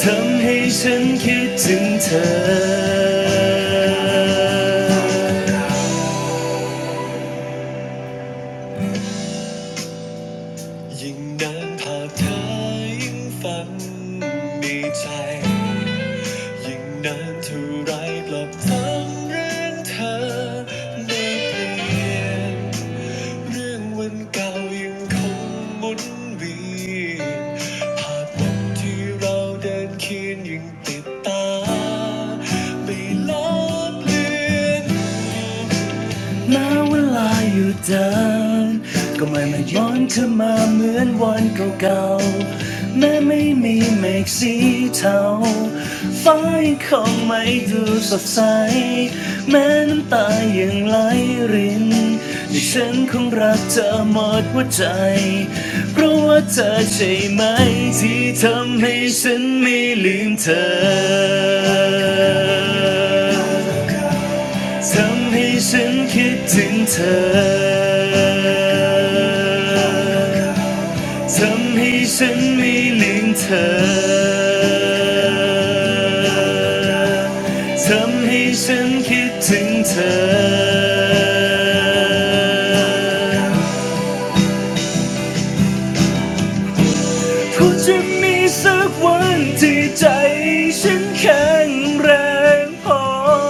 S7: ทำให้ฉันคิดถึงเธอ ยิ่งนานภาพเธอยิ่งฝันมีใจยิ่งนานเท่าไรกลับทำเรื่องเธอได้เปลี่ยนเรื่องวันเก่ายังคงหมุนเวียนภาพวันที่เราเดินเคียงยังติดตาไม่ลดเลือน now that you're gone, I'm not even dreaming of you. I'm not even dreaming of you. I'm not even dreaming of you. ทำให้ฉันคิดถึงเธอทำให้ฉันไม่ลืมเธอทำให้ฉันคิดถึงเธอคงจะมีสักวันที่ใจฉันแค่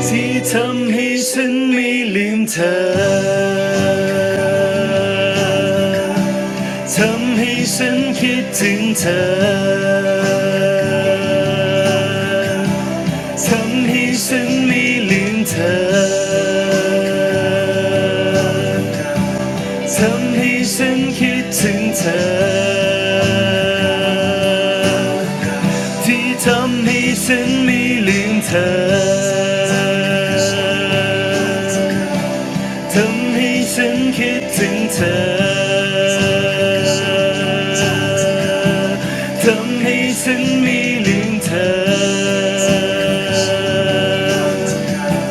S7: ที่ทำให้ฉันไม่ลืมเธอทำให้ฉันคิดถึงเธอทำให้ฉันไม่ลืมเธอทำให้ฉันคิดถึงเธอ ที่ทำให้ฉันไม่ลืมเธอทำให้ฉันคิดถึงเธอทำให้ฉันไม่ลืมเธอทำให้ฉันคิดถึงเธอ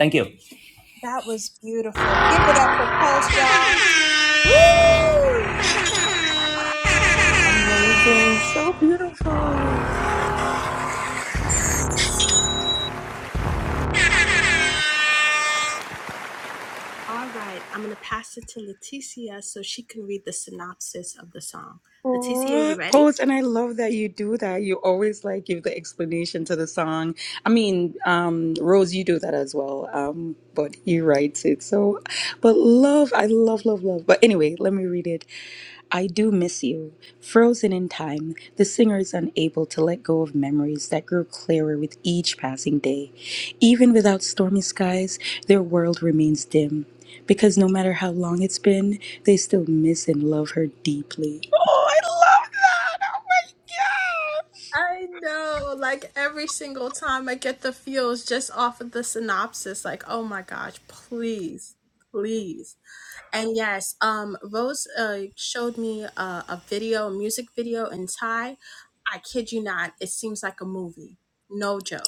S7: Thank you.
S1: That was beautiful. Give it up for Post, y'all.
S8: Amazing. So beautiful.
S1: Woo! All right, I'm going to pass it to Leticia so she can read the synopsis of the song. Leticia, you
S8: What?
S1: ready?
S8: Pose, and I love that you do that. You always like give the explanation to the song. I mean, um, Rose, you do that as well. Um, but he writes it. So, but love, I love, love, love. But anyway, let me read it. I do miss you. Frozen in time, the singer is unable to let go of memories that grew clearer with each passing day. Even without stormy skies, their world remains dim because no matter how long it's been, they still miss and love her deeply. Oh, I love that!
S1: I know, like every single time I get the feels just off of the synopsis, like, oh my gosh, please, please. And yes, um, Rose uh, showed me uh, a video, a music video in Thai. I kid you not, it seems like a movie. No joke.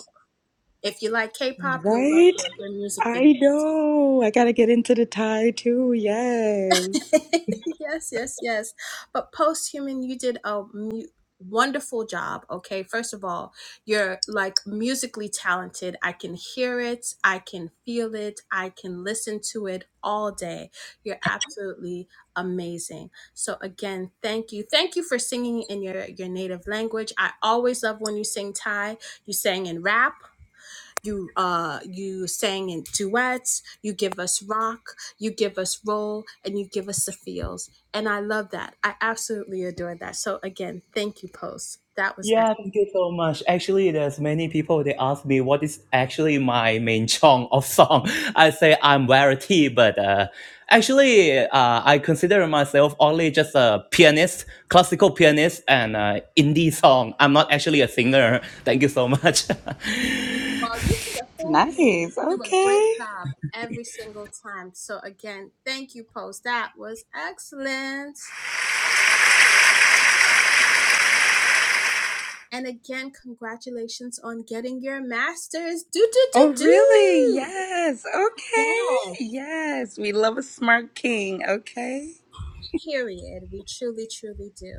S1: If you like K
S8: Oh my god!
S1: pop, you'll love
S8: Right?
S1: their, their music videos.
S8: I know. I gotta get into the tie too. Yes.
S1: yes, yes, yes. But post human, you did a mu- wonderful job. Okay, first of all, you're like musically talented. I can hear it, I can feel it, I can listen to it all day. You're absolutely amazing. So again, thank you, thank you for singing in your your native language. I always love when you sing Thai. You sang in rap you uh you sang in duets you give us rock you give us roll and you give us the feels and i love that i absolutely adore that so again thank you post that was
S7: Yeah,
S1: excellent
S7: thank you so much. Actually, there's many people they ask me what is actually my main genre of song. I say I'm variety, but uh, actually, uh, I consider myself only just a pianist, classical pianist, and uh, indie song. I'm not actually a singer. Thank you so much.
S1: well you could have fooled me
S8: Nice.
S1: do a great
S8: Okay.
S1: job every single time so again thank you post that was excellent and again congratulations on getting your masters do do
S8: Oh,
S1: do
S8: really?
S1: do
S8: Yes. Okay.
S1: yes
S8: Yes. We love a smart king. Okay.
S1: period we truly truly do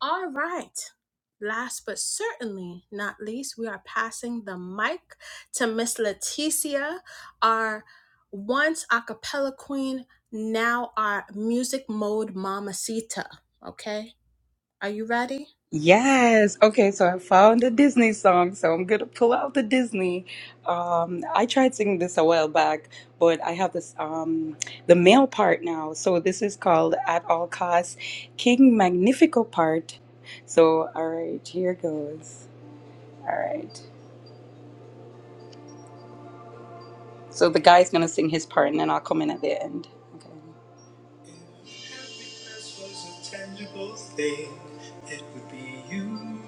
S1: All right. Last but certainly not least, we are passing the mic to Miss Leticia, our once a cappella queen, now our music mode mamacita. Okay? Are you ready?
S8: Yes. Okay. So I found a Disney song. So I'm going to pull out the Disney. Um, I tried singing this a while back, but I have this, um, the male part now. So this is called At All Costs King Magnifico part. So, all right. Here goes. All right. So the guy's going to sing his part and then I'll come in at the end. Okay. Happiness was a tangible thing. It would be you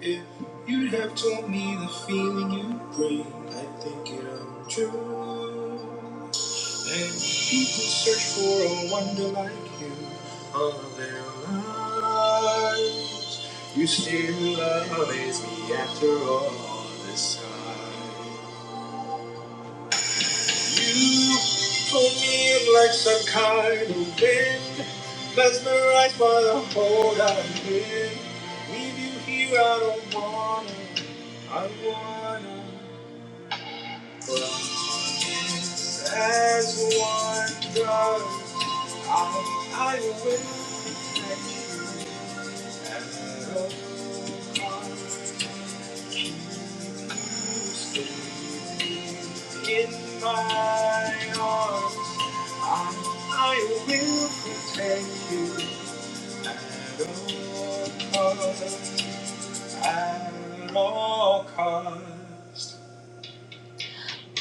S8: if you'd have told me the feeling you bring. I think it untrue. And people search for a wonder like you all their lives. You still amaze me after all this time. You pull me in like some kind of wind, mesmerized by the hold I'm in. Leave you here, I don't wanna, I wanna. As one does, I, I will and you in my arms. I, I will protect you. At all cost, at all cost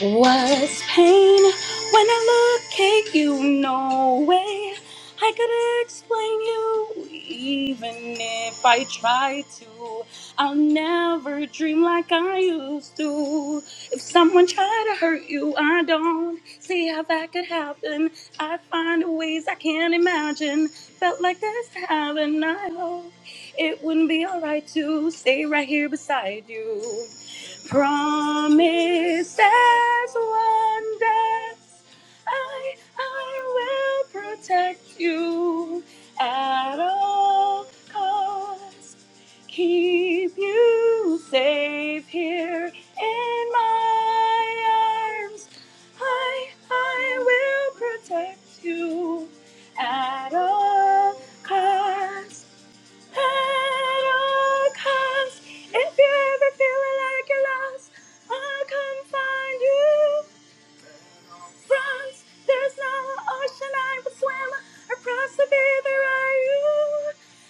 S8: was pain when I look at you. No way I could explain you, even if I tried to. I'll never dream like I used to. If someone tried to hurt you, I don't see how that could happen. I find ways I can't imagine. Felt like this to happen. I hope it wouldn't be alright to stay right here beside you. Promises, wonders, I, I will protect you at all costs. Keep you safe here in my arms. I, I will protect you at all costs. At all costs, if you're ever feeling like you're lost, I'll come find you. France, there's no ocean I would swim across if either are you.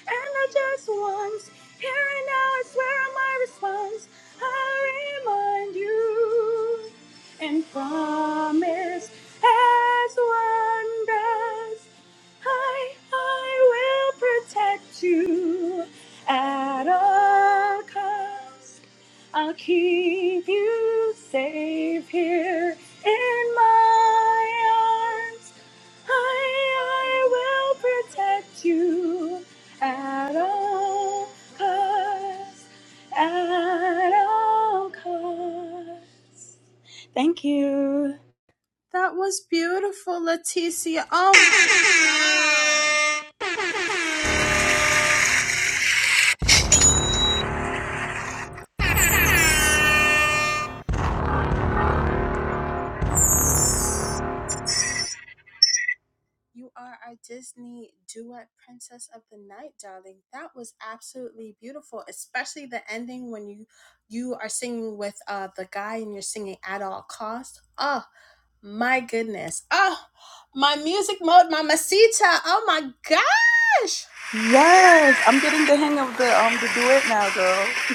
S8: And I just once, here and now, I swear on my response, I'll remind you. And promise as one does. I, I will protect you at all costs. I'll keep you safe here in my arms. I, I will protect you at all costs. At all costs. Thank you.
S1: That was beautiful, Leticia. Oh, You are our Disney duet princess of the night, darling. That was absolutely beautiful, especially the ending when you you are singing with uh the guy and you're singing at all costs. Oh my goodness. Oh my music mode, mamacita. Oh my gosh.
S8: Yes, I'm getting the hang of the um the duet now, girl.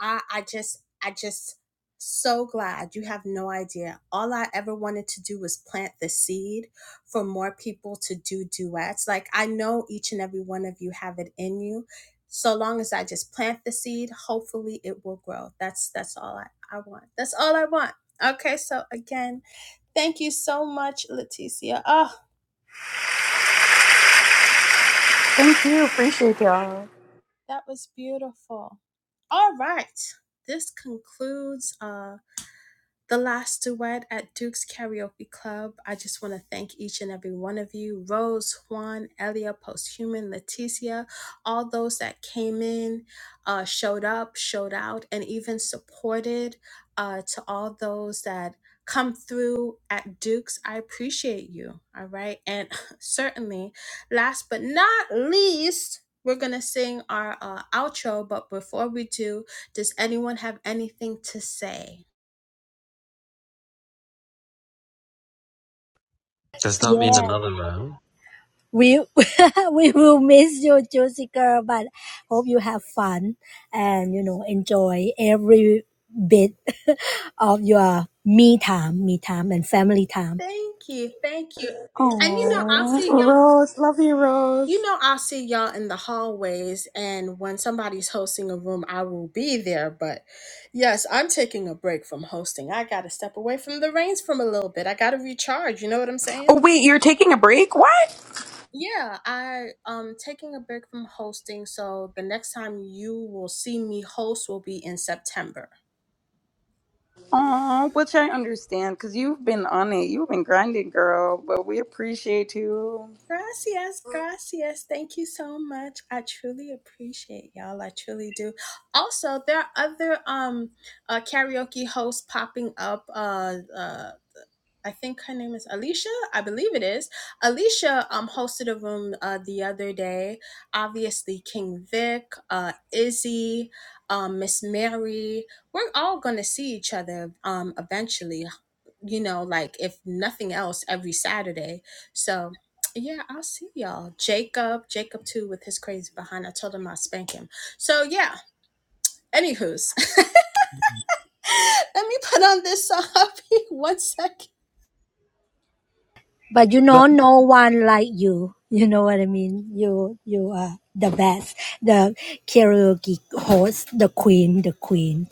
S1: I I just I just so glad you have no idea. All I ever wanted to do was plant the seed for more people to do duets. Like I know each and every one of you have it in you. So long as I just plant the seed, hopefully it will grow. That's that's all I, I want. That's all I want. Okay, so again, thank you so much, Leticia. Oh,
S8: Thank you, appreciate y'all.
S1: that was beautiful. All right. This concludes Uh. the last duet at Duke's Karaoke Club. I just want to thank each and every one of you Rose, Juan, Elia, Posthuman, Leticia, all those that came in, uh, showed up, showed out, and even supported uh, to all those that come through at Duke's. I appreciate you. All right. And certainly, last but not least, we're going to sing our uh, outro. But before we do, does anyone have anything to say?
S5: Does that mean I'm
S3: Yes. We we will miss you, Juicy Girl, but hope you have fun and you know enjoy every bit of your me time, me time, and family time.
S1: Thank you. Thank you. And you know, I'll
S8: Oh,
S1: see y'all.
S8: Rose, love you,
S1: You
S8: Rose.
S1: know, I'll see y'all in the hallways. And when somebody's hosting a room, I will be there. But yes, I'm taking a break from hosting. I got to step away from the reins from a little bit. I got to recharge. You know what I'm saying?
S8: Oh wait, you're taking a break? What?
S1: Yeah, I um taking a break from hosting. So the next time you will see me host will be in September.
S8: Oh, which I understand, cause you've been on it, you've been grinding, girl. But we appreciate you.
S1: Gracias, gracias. Thank you so much. I truly appreciate y'all. I truly do. Also, there are other um uh, karaoke hosts popping up. Uh, uh, I think her name is Alicia. I believe it is. Alicia um hosted a room uh, the other day. Obviously, King Vic, uh, Izzy, um, Miss Mary. We're all gonna see each other um eventually you know, like if nothing else, every Saturday. So yeah, I'll see y'all. Jacob, Jacob too, with his crazy behind. I told him I'll spank him. So yeah, anywho's. Let me put on this song. One second.
S3: But you
S7: well,
S3: know, no one like you. You know what I mean. You you are the best, the karaoke host, the queen, the queen.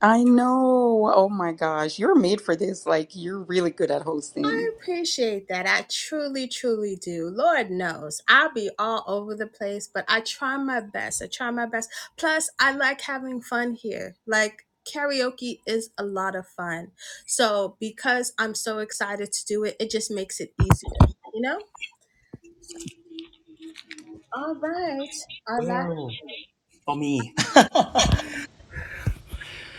S8: I know. Oh my gosh, you're made for this. Like you're really good at hosting.
S1: I appreciate that. I truly, truly do. Lord knows I'll be all over the place, but I try my best. I try my best. Plus, I like having fun here. Like, karaoke is a lot of fun. So, because I'm so excited to do it, it just makes it easier, you know? So, all right. Our last.
S7: well, for me.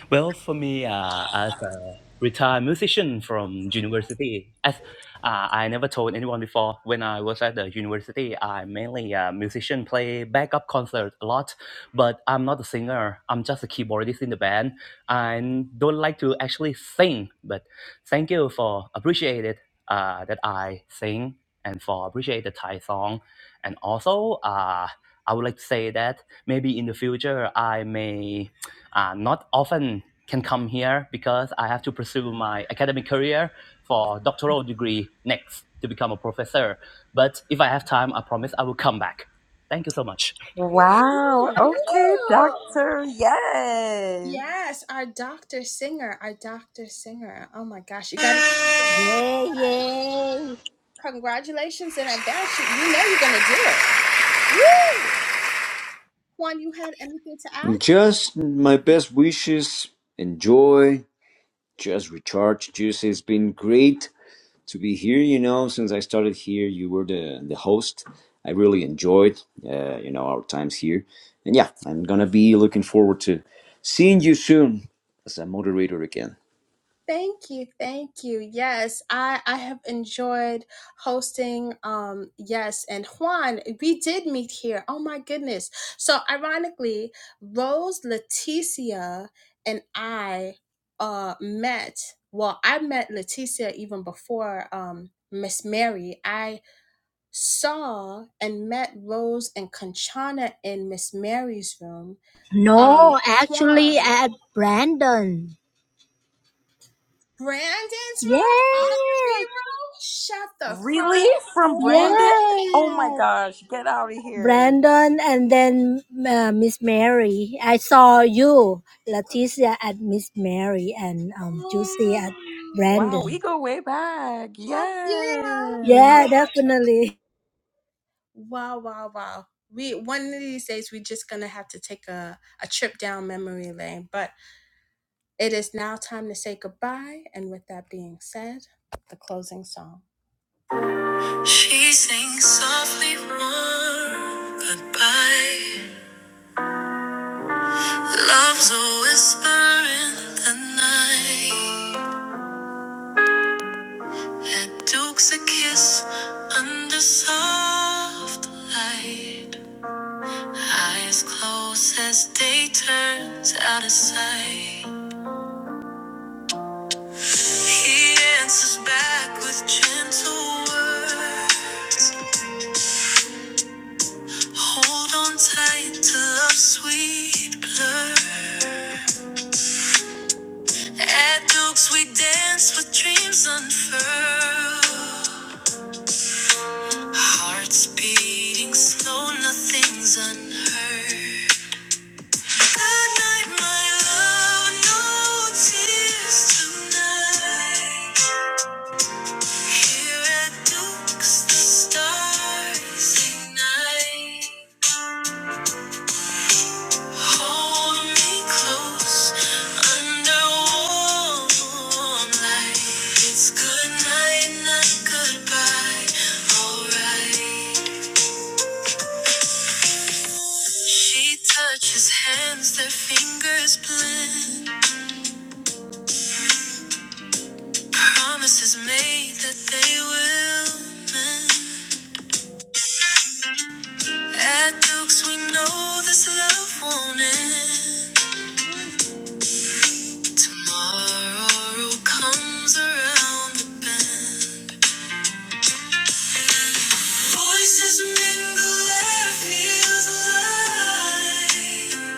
S7: Well, for me, uh, as a retired musician from university, as uh, I never told anyone before, when I was at the university, I mainly a musician, play backup concert a lot, but I'm not a singer. I'm just a keyboardist in the band. I don't like to actually sing, but thank you for appreciate it uh, that I sing and for appreciate the Thai song. And also, uh, I would like to say that maybe in the future I may uh, not often can come here because I have to pursue my academic career for doctoral degree next to become a professor. But if I have time, I promise I will come back. Thank you so much.
S8: Wow. Okay, doctor. Yes.
S1: Yes, our Dr. Singer, our Dr. Singer. Oh my gosh, you got to change your name.
S3: Yay,
S1: Yes.
S3: yay.
S1: Congratulations in advance. You you know you're going to do it. Woo! Juan, you had anything to add?
S4: Just my best wishes. Enjoy. Just recharge. Just it's been great to be here. You know, since I started here, you were the the host. I really enjoyed, uh, you know, our times here. And yeah, I'm gonna be looking forward to seeing you soon as a moderator again.
S1: Thank you. Thank you. Yes, I, I have enjoyed hosting. Um, yes, and Juan, we did meet here. Oh my goodness. So ironically, Rose, Leticia, and I uh met. Well, I met Leticia even before um Miss Mary. I saw and met Rose and Conchana in Miss Mary's room. Um,
S3: No, actually,
S1: Juan,
S3: at Brandon.
S1: Brandon's
S3: Yeah,
S1: room, R&B room. Shut the
S8: Really?
S1: front
S8: From
S1: door.
S8: Brandon? Oh my
S3: yeah.
S8: gosh, get out of here.
S3: Brandon and then uh, Miss Mary. I saw you, Leticia, at Miss Mary and um, Juicy at
S8: Wow, we
S3: Brandon.
S8: go way back.
S1: Oh, heck yeah!
S3: Yeah,
S1: Oh my!
S8: Yes.
S3: definitely.
S1: Wow, wow, wow. We one of these days we're just gonna have to take a, a trip down memory lane. But it is now time to say goodbye. And with that being said, the closing song. She sings softly warm goodbye. Love's a whisper in the night. And Duke's a kiss under soft light. Eyes closed as day turns out of sight. He answers back with gentle words. Hold on tight to love's sweet blur. At Dukes we dance with dreams unfurled. Hearts beating slow, nothing's unheard. Good night, my love, no tears tonight. Here at Dukes, the stars ignite. Hold me close under warm light. It's good not goodbye. Alright. She touches hands, their fingers blend. Promises made that they will mend. At Duke's, we know this love won't end. Tomorrow comes around the bend. Voices mingle and it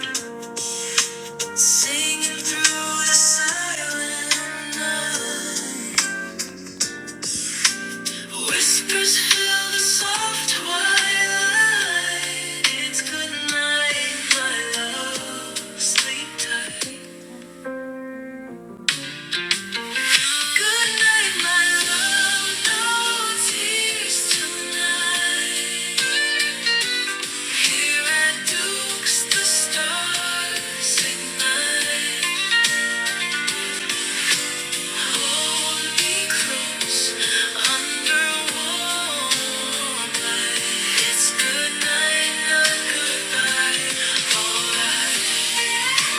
S1: feels alive. Singing through the silent night. Whispers fill the soft twilight. It's good night, my love. Sleep tight. Good night, my love. No tears tonight. Here at Duke's, the stars ignite. Hold me close under warm light. It's good not goodbye. Alright,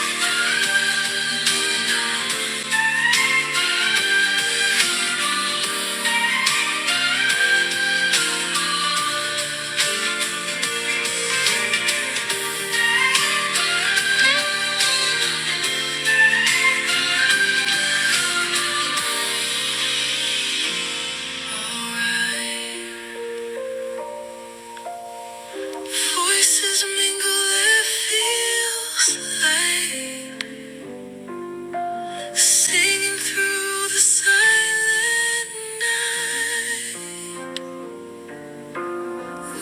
S1: alright. Voices mingle, it feels like singing through the silent night.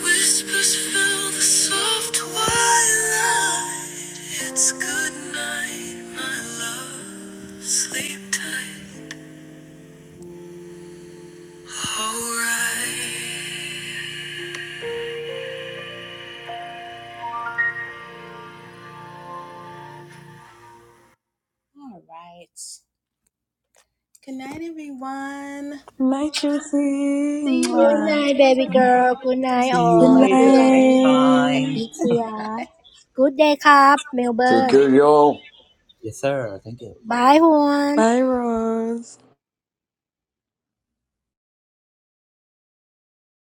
S1: Whispers fill the soft twilight. It's good night, my love. Sleep tight. All right. All right. Good night, everyone.
S8: Good night, Josie.
S1: See you
S3: Good
S1: in
S3: night,
S8: Mwah.
S3: baby
S1: September,
S3: girl. Good night,
S1: y'all.
S7: See
S8: Good
S7: you
S3: all. Good
S7: later next
S3: night,
S8: night.
S7: time.
S3: Leticia.
S1: Right.
S3: Good day, cup,
S4: Take
S3: Melbourne.
S4: care, y'all.
S7: Yes, sir. Thank you.
S3: Bye, Juan.
S8: Bye, Rose.